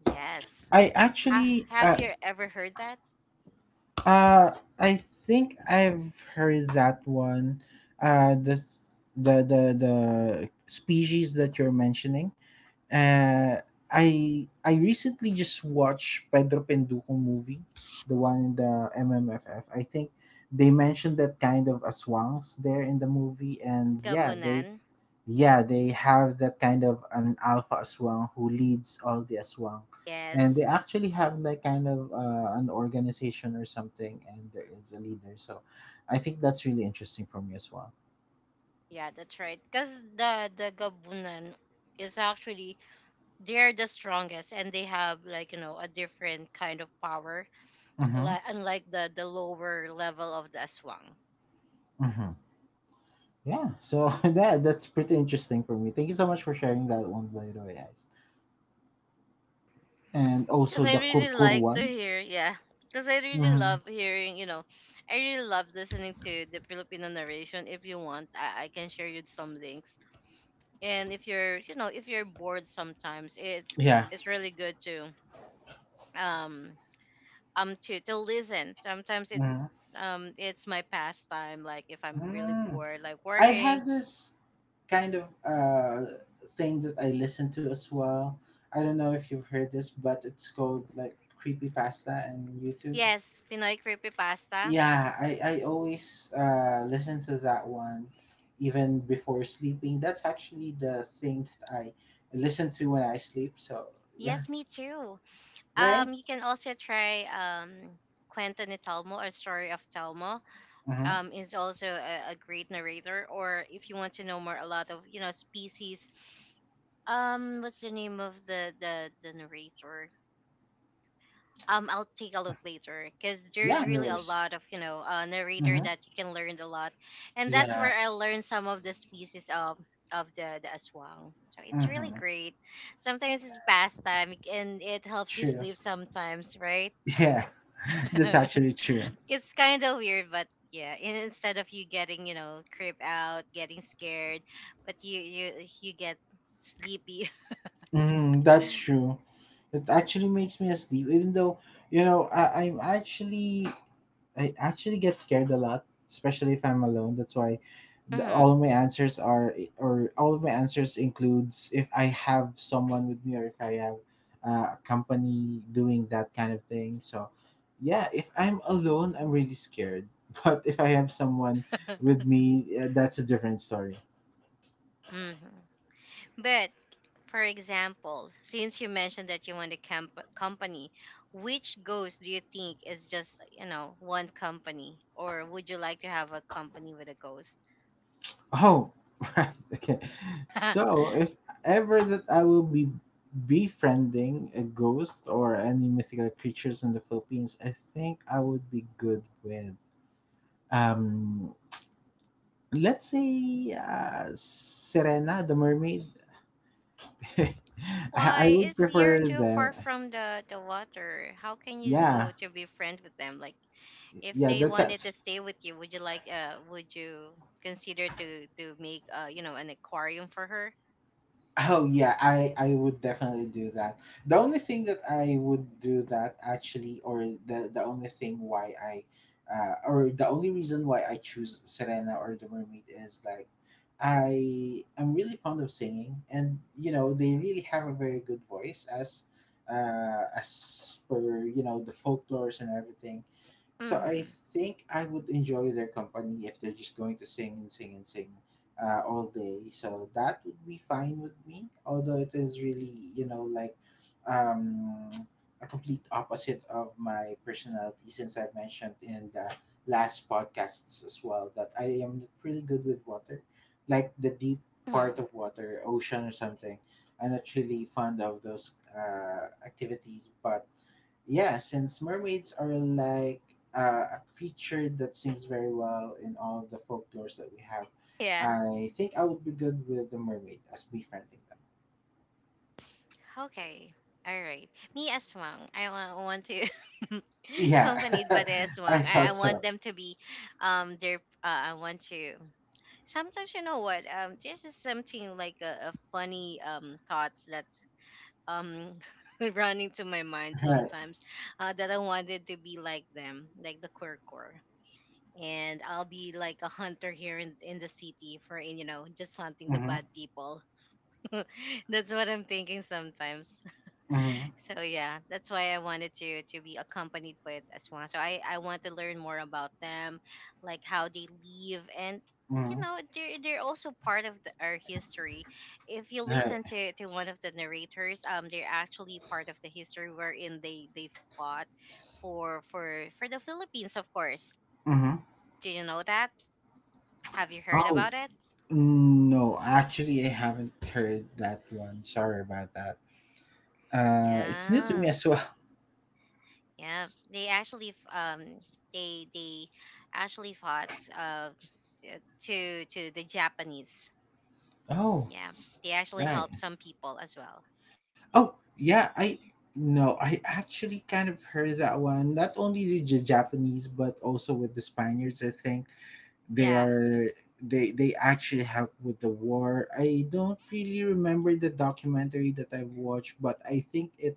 Yes,
I
ha-
actually,
have you ever heard that
uh, I think I've heard that one. This the species that you're mentioning. Uh, I recently just watched Pedro Penduko movie, the one in the MMFF. I think they mentioned that kind of aswangs there in the movie, and
Gabunan?
yeah, they have that kind of an alpha aswang who leads all the aswang, and they
Yes.
actually have like kind of an organization or something, and there is a leader. So, I think that's really interesting for me as well.
Yeah, that's right. Because the Gabunan is actually, they're the strongest and they have, like, you know, a different kind of power.
Mm-hmm.
Like unlike the lower level of the Aswang.
Mm-hmm. Yeah. So that that's pretty interesting for me. Thank you so much for sharing that one, by the way, guys. And
Because
also
I
the
really
kurkur
like to
one.
hear, yeah. Because I really
Mm-hmm.
love hearing, you know, I really love listening to the Filipino narration. If you want, I can share you some links. And if you're, you know, if you're bored sometimes, it's
Yeah.
it's really good um to listen sometimes it
Mm-hmm.
um It's my pastime, like if I'm really
Mm.
bored like
I
working.
have this kind of thing that I listen to as well. I don't know if you've heard this, but it's called like creepy pasta and YouTube.
Yes, pinoy creepy pasta.
Yeah, I always listen to that one, even before sleeping. That's actually the thing that I listen to when I sleep. So yeah,
Yes, me too.
right.
You can also try Kwento ni Telmo or Story of Telmo.
Mm-hmm.
Um, is also a great narrator. Or if you want to know more, a lot of, you know, species. What's the name of the narrator? I'll take a look later because there's
Yeah, no
really a
worries.
lot of, you know, narrator
Mm-hmm.
that you can learn a lot, and that's
Yeah.
where I learned some of the species of the aswang. So it's really
Mm-hmm.
great. Sometimes it's pastime and it helps you
True.
sleep sometimes, right?
Yeah, that's actually true.
It's kind of weird, but yeah. Instead of you getting, you know, creep out, getting scared, but you get sleepy.
Mm, that's true. It actually makes me asleep, even though I'm actually, I actually get scared a lot, especially if I'm alone. That's why
Hmm.
all of my answers are, or all of my answers includes, if I have someone with me or if I have a company doing that kind of thing. So yeah, if I'm alone, I'm really scared. But if I have someone with me, that's a different story.
Hmm. But for example, since you mentioned that you want a company, which goals do you think is just, you know, one company? Or would you like to have a company with a ghost?
Oh, right. Okay. So, if ever that I will be befriending a ghost or any mythical creatures in the Philippines, I think I would be good with um, let's say Serena the mermaid. I I
Why?
would
It's you're
prefer
too
them.
far from the water. How can you
Yeah.
go to be friends with them? Like, if
Yeah,
they
that's
wanted to
it.
stay with you, would you like, would you consider to make, you know, an aquarium for her?
Oh yeah, I would definitely do that. The only thing that I would do that actually, or the only thing why I, or the only reason why I choose Serena or the Mermaid is like, I am really fond of singing, and you know they really have a very good voice as per you know the folklores and everything. So I
Mm-hmm.
think I would enjoy their company if they're just going to sing and sing and sing all day. So that would be fine with me. Although it is really, you know, like um, a complete opposite of my personality, since I've mentioned in the last podcasts as well that I am not really good with water, like the deep
Hmm.
part of water, ocean or something. I'm not really fond of those activities, but yeah, since mermaids are like a creature that sings very well in all the folklores that we have,
Yeah.
I think I would be good with the mermaid as befriending them.
Okay. All right. Me as well. I want to
Yeah,
accompanied by the
I
aswang. I
thought
want
so.
them to be their I want to sometimes, you know what, this is something like a funny thoughts that um run into my mind
Right.
sometimes, that I wanted to be like them, like the quirkor, and I'll be like a hunter here in the city for, you know, just hunting the
Mm-hmm.
bad people. That's what I'm thinking sometimes.
Mm-hmm.
So yeah, that's why I wanted to be accompanied with as well. So I want to learn more about them, like how they live and, you
Mm-hmm.
know, they're also part of the, our history. If you
Right.
listen to one of the narrators, they're actually part of the history wherein they fought for the Philippines, of course.
Mm-hmm.
Do you know that? Have you heard
Oh,
about it?
no, actually, I haven't heard that one. Sorry about that. It's new to
Yeah.
me as well.
Yeah, they actually they actually fought uh t- to the Japanese.
Oh,
Yeah, they actually helped
right.
some people as well.
Oh, yeah, I no, I actually kind of heard that one. Not only the Japanese, but also with the Spaniards. I think they
Yeah.
are they actually helped with the war. I don't really remember the documentary that I've watched, but I think it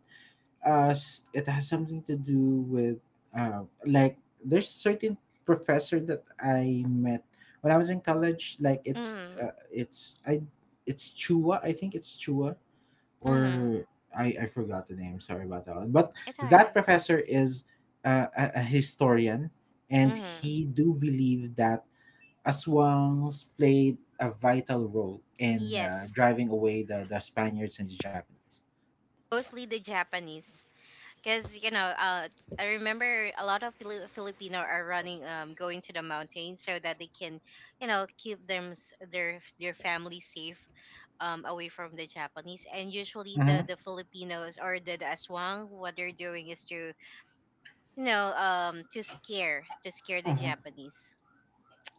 it has something to do with like there's certain professor that I met when I was in college. Like
Mm.
it's Chua. I think it's Chua
Mhm.
or I forgot the name. Sorry about that one. But
It's
that
okay.
professor is a historian, and
Mhm.
he do believe that aswangs played a vital role in
Yes,
driving away the Spaniards and the Japanese.
mostly the Japanese. Because you know, I remember a lot of Filipino are running, going to the mountains so that they can, you know, keep their family safe, away from the Japanese. And usually, the Filipinos or the aswang, what they're doing is to, you know, to scare the
hmm
Japanese.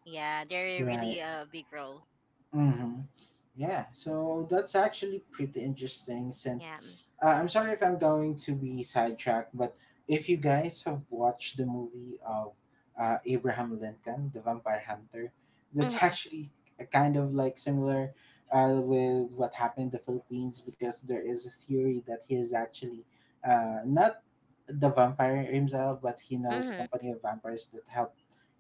Yeah, they're
Right.
really a big role.
hmm Yeah, so that's actually pretty interesting since
Yeah.
I'm sorry if I'm going to be sidetracked, but if you guys have watched the movie of Abraham Lincoln, The Vampire Hunter, that's
Mm-hmm.
actually a kind of like similar with what happened in the Philippines because there is a theory that he is actually not the vampire himself, but he knows a
Mm-hmm.
company of vampires that help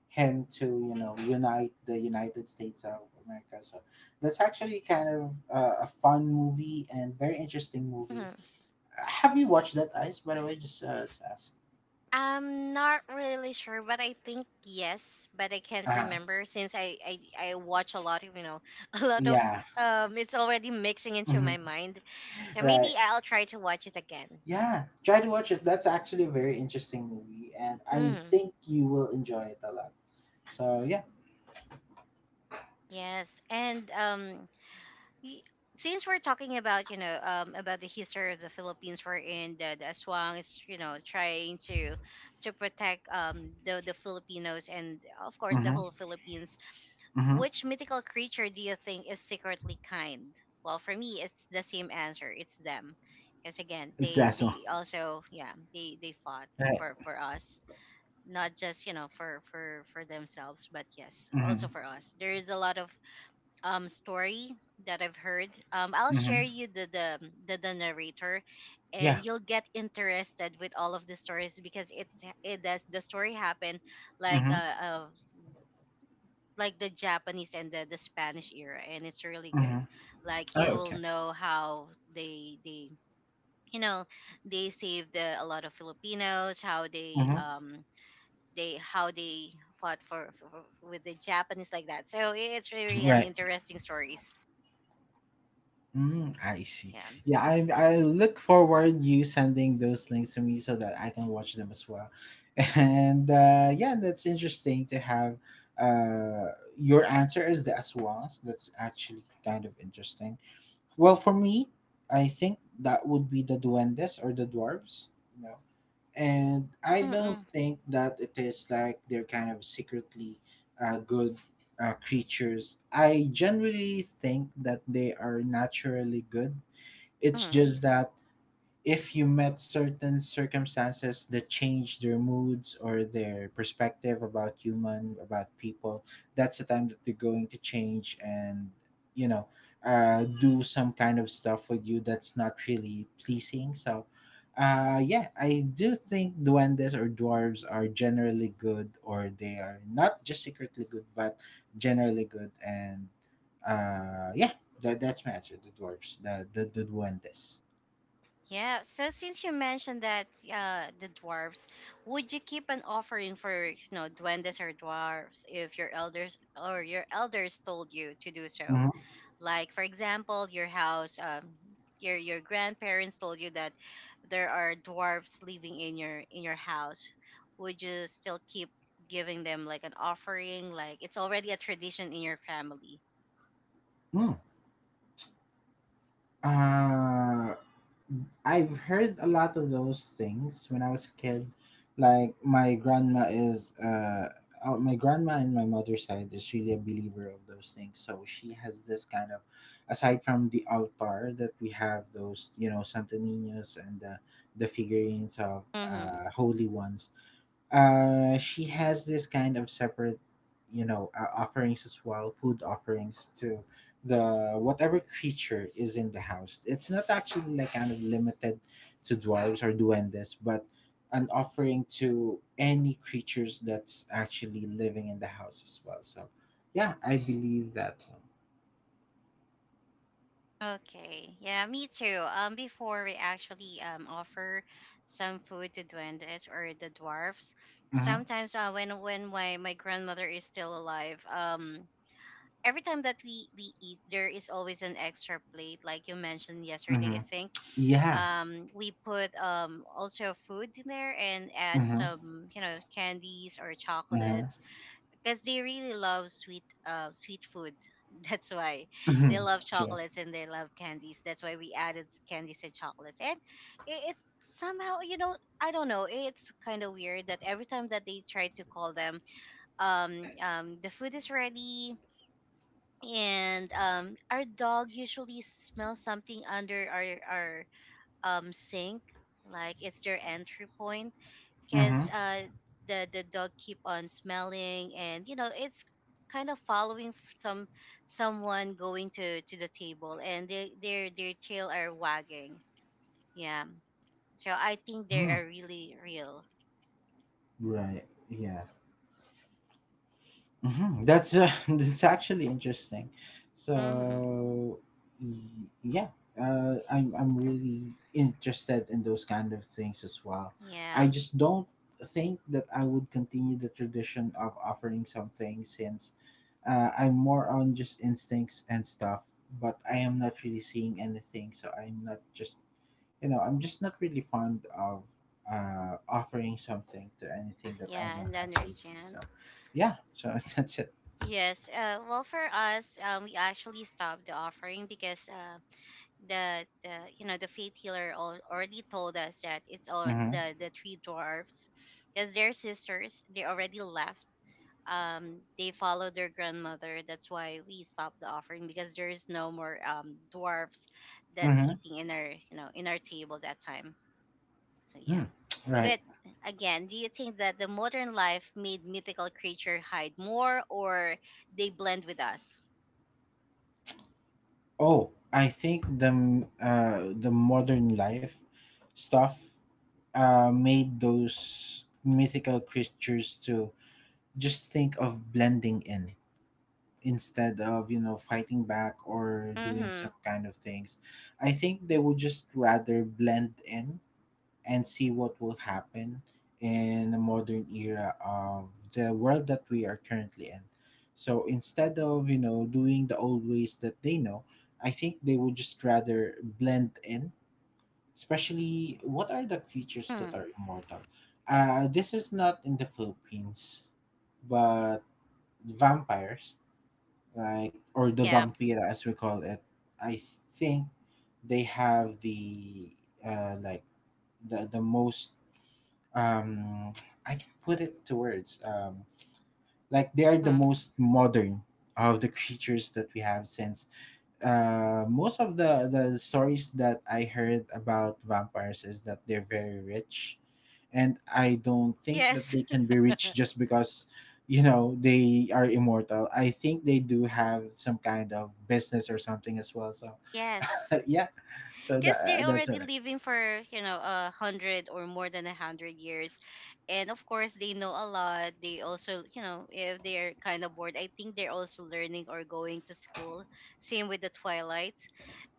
him to you know unite the United States of America. So that's actually kind of a fun movie and very interesting movie.
Mm-hmm.
Have you watched that, Ice? By the way, just to ask.
I'm not really sure, but I think yes, but I
Uh
can't
huh.
remember since I watch a lot of, you know, a lot of
Yeah.
it's already mixing into my
Mhm.
mind, so
Right.
maybe I'll try to watch it again.
Yeah. Try to watch it. That's actually a very interesting movie, and I
Mm,
think you will enjoy it a lot. So yeah.
yes, and y- since we're talking about, you know, about the history of the Philippines, we're in the Aswang is, you know, trying to protect the Filipinos and of course the whole
Mm-hmm.
Philippines.
Mm-hmm.
Which mythical creature do you think is secretly kind? Well, for me, it's the same answer. It's them, because again,
It's
they
that one.
they also, yeah, they fought
Right.
for us, not just, you know, for themselves, but yes,
Mm-hmm.
also for us. There is a lot of story that I've heard. I'll share
Mm-hmm.
you the narrator,
Yeah.
and you'll get interested with all of the stories because it does the story happen like
Mm-hmm.
uh, uh like the Japanese and the Spanish era, and it's really
Mm-hmm.
good. Like
Oh,
you will
okay.
know how they you know they saved the, a lot of Filipinos, how
Mm-hmm.
they how they fought for with the Japanese like that. So it's really an
Right.
interesting stories.
Mm, I see.
Yeah.
Yeah, I look forward you sending those links to me so that I can watch them as well. And yeah, that's interesting to have uh, your answer is the Aswans. That's actually kind of interesting. Well, for me, I think that would be the Duendes or the Dwarves. You know, and I
Mm-mm.
don't think that it is like they're kind of secretly good creatures. I generally think that they are naturally good. It's
Mm.
just that if you met certain circumstances that changed their moods or their perspective about human about people, that's the time that they're going to change, and you know, do some kind of stuff with you that's not really pleasing. So yeah, I do think duendes or dwarves are generally good, or they are not just secretly good but generally good. And yeah, that, that's my answer, the dwarves, the the duendes.
Yeah. So since you mentioned that the dwarves, would you keep an offering for, you know, duendes or dwarves if your elders or your elders told you to do so?
Mhm.
Like for example, your house, your grandparents told you that there are dwarfs living in your house. Would you still keep giving them like an offering? Like it's already a tradition in your family.
Mm. Uh, I've heard a lot of those things when I was a kid. Like my grandma is uh oh, my grandma and my mother's side is really a believer of those things. So she has this kind of, aside from the altar that we have those, you know, Santo Niños and the figurines of
Mm-hmm.
holy ones, she has this kind of separate, you know, offerings as well, food offerings to the whatever creature is in the house. It's not actually like kind of limited to dwarves or duendes, but an offering to any creatures that's actually living in the house as well. So yeah, I believe that.
Okay. Yeah, me too. Before we actually offer some food to duendes or the dwarfs,
Mm-hmm,
sometimes when my my grandmother is still alive. Every time that we eat there is always an extra plate like you mentioned yesterday,
mm-hmm.
I think,
Yeah.
we put also food in there and add
Mm-hmm,
some, you know, candies or
mm-hmm,
chocolates, because they really love sweet sweet food. That's why they
mm-hmm.
love
Sure.
chocolates and they love candies, that's why we added candies and chocolates. And it's somehow, you know, I don't know, it's kind of weird that every time that they try to call them, the food is ready, and our dog usually smells something under our sink, like it's their entry point,
Mm-hmm,
because the dog keep on smelling, and you know it's kind of following some someone going to the table and they their tail are wagging, yeah, so I think they
mm-hmm.
are really real.
Right. Yeah. Mhm. That's that's actually interesting.
Mm-hmm.
So yeah, I'm really interested in those kind of things as well.
Yeah.
I just don't think that I would continue the tradition of offering something since I'm more on just instincts and stuff. But I am not really seeing anything, so I'm not just, you know, I'm just not really fond of offering something to anything that I
Yeah,
don't
and I
actually see. So,
understand.
yeah, so that's it.
Yes. Well, for us, we actually stopped the offering because the, you know, the faith healer already told us that it's all
Mm-hmm.
the three dwarfs, because their sisters. They already left. They followed their grandmother. That's why we stopped the offering because there is no more dwarfs that's
Mm-hmm.
eating in our, you know, in our table that time. So yeah.
Mm. Right.
But again, do you think that the modern life made mythical creature hide more or they blend with us?
Oh, I think the the modern life stuff made those mythical creatures to just think of blending in instead of you know fighting back or doing
Mm-hmm.
some kind of things. I think they would just rather blend in and see what will happen in the modern era of the world that we are currently in. So instead of, you know, doing the old ways that they know, I think they would just rather blend in. Especially, what are the creatures that
Mm.
are immortal? This is not in the Philippines, but vampires, like, or the
Yeah.
vampira as we call it, I think they have the, like, the most um I can put it to words. Like they are the
Mm.
most modern of the creatures that we have, since most of the stories that I heard about vampires is that they're very rich, and I don't think that
Yes.
they can be rich just because you know they are immortal. I think they do have some kind of business or something as well. So
Yes.
yeah, so that
Because they're
that's
already
it.
living for, you know, a hundred or more than a hundred years. And of course, they know a lot. They also, you know, if they're kind of bored, I think they're also learning or going to school. Same with the Twilight.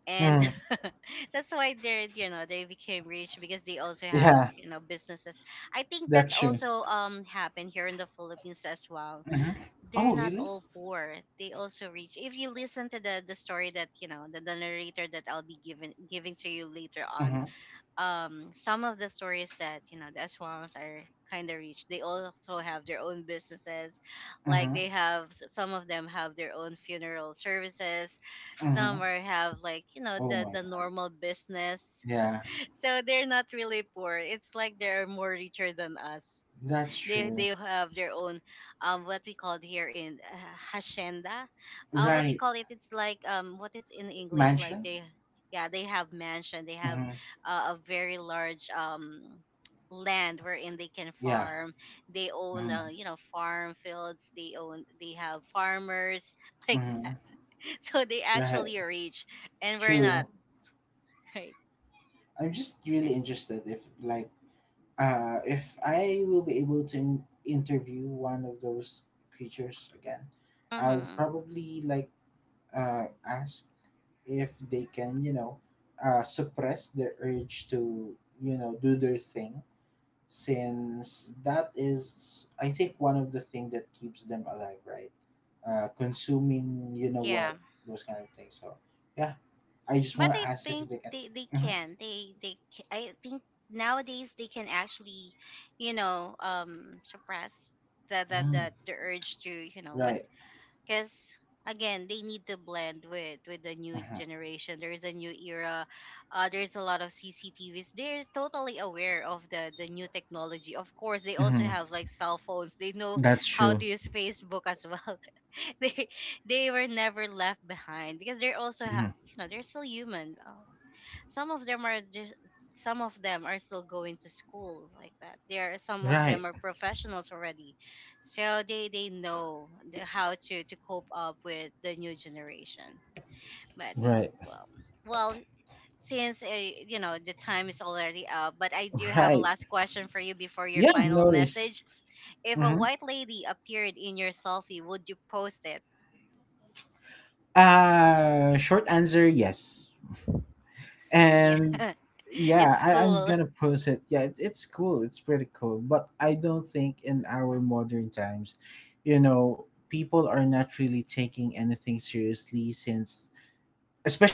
And
Mm,
that's why they're, you know, they became rich because they also have,
yeah,
you know, businesses. I think
that's
that's
true.
also happened here in the Philippines as well.
Hmm.
They're
Oh
not
really?
all poor. They also rich. If you listen to the story that, you know, the narrator that I'll be giving to you later on,
Mm-hmm.
some of the stories that, you know, the Aswangs are kind of rich, they also have their own businesses, like
Mm-hmm.
they have some of them have their own funeral services,
Mm-hmm.
some are have, like, you know,
Oh my
the
God.
normal business.
Yeah,
So they're not really poor, it's like they're more richer than us.
that's
they
true.
they have their own what we call here in hacienda, what do you
Right.
call it, it's like, um, what is in English, like
Mansion?
they, yeah, they have mansion, they have
Mm-hmm.
a very large land wherein they can
Yeah.
farm, they own,
Mm-hmm.
you know, farm fields they own, they have farmers like
Mm-hmm.
that. So they
Right.
actually rich and we're not,
True.
right?
I'm just really interested if, like, if I will be able to interview one of those creatures again, I'll
Mm-hmm.
probably, like, ask if they can, you know, suppress their urge to, you know, do their thing, since that is, I think, one of the thing that keeps them alive, right, consuming you know
Yeah.
what, those kind of things. So yeah, I just
But
want
I
to ask if
think
they can.
they
Mhm.
can they ca- I think nowadays they can actually, you know, suppress
Mm.
the urge to, you know what,
Right.
because again they need to blend with the new
Mhm.
generation, there is a new era, there's a lot of CCTVs, they're totally aware of the new technology, of course they also
Mhm.
have like cell phones, they know
That's
how
true.
to use Facebook as well. They they were never left behind because they're also
Mhm.
you know they're still human. Some of them are just some of them are still going to school like that. There are some of
Right.
them are professionals already. So they know the, how to cope up with the new generation. But
Right.
well, well, since you know the time is already up, but I do have a
Right.
last question for you before your
Yeah,
final
no worries.
message. If a
Mhm.
white lady appeared in your selfie, would you post it?
Short answer, yes.
See,
And yeah,
it's
I'm
cool.
gonna post it. Yeah, it's cool, it's pretty cool, but I don't think in our modern times, you know, people are not really taking anything seriously, since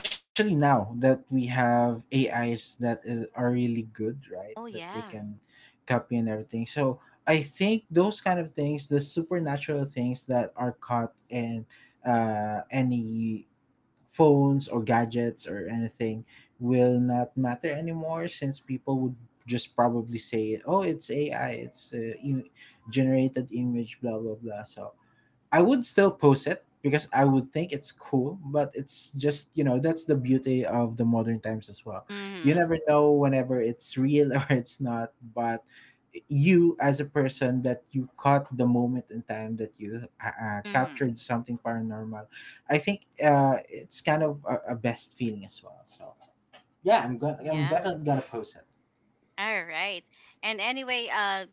especially now that we have ais are really good, right,
Oh
that they
yeah.
can copy and everything. So I think those kind of things, the supernatural things that are caught in any phones or gadgets or anything, will not matter anymore, since people would just probably say, oh it's ai, it's generated image, blah blah blah. So I would still post it because I would think it's cool, but it's just, you know, that's the beauty of the modern times as well. You
Mhm.
never know whenever it's real or it's not, but you as a person that you caught the moment in time, that you
Mhm.
captured something paranormal, I think it's kind of a best feeling as well. So yeah, I'm
Yeah.
definitely gonna post it.
All right. And anyway,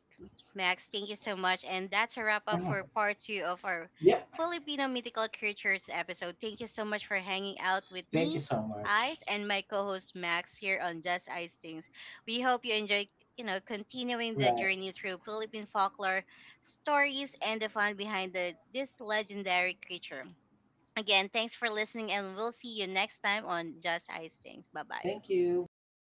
Max, thank you so much. And that's a wrap up for
Mhm.
part two of our
Yep.
Filipino mythical creatures episode. Thank you so much for hanging out with
Thank you
me,
so much.
Ice, and my co-host Max here on Just Ice Things. We hope you enjoy, you know, continuing the
Right.
journey through Philippine folklore stories and the fun behind the this legendary creature. Again, thanks for listening, and we'll see you next time on Just Ice Things. Bye bye.
Thank you. Bye bye.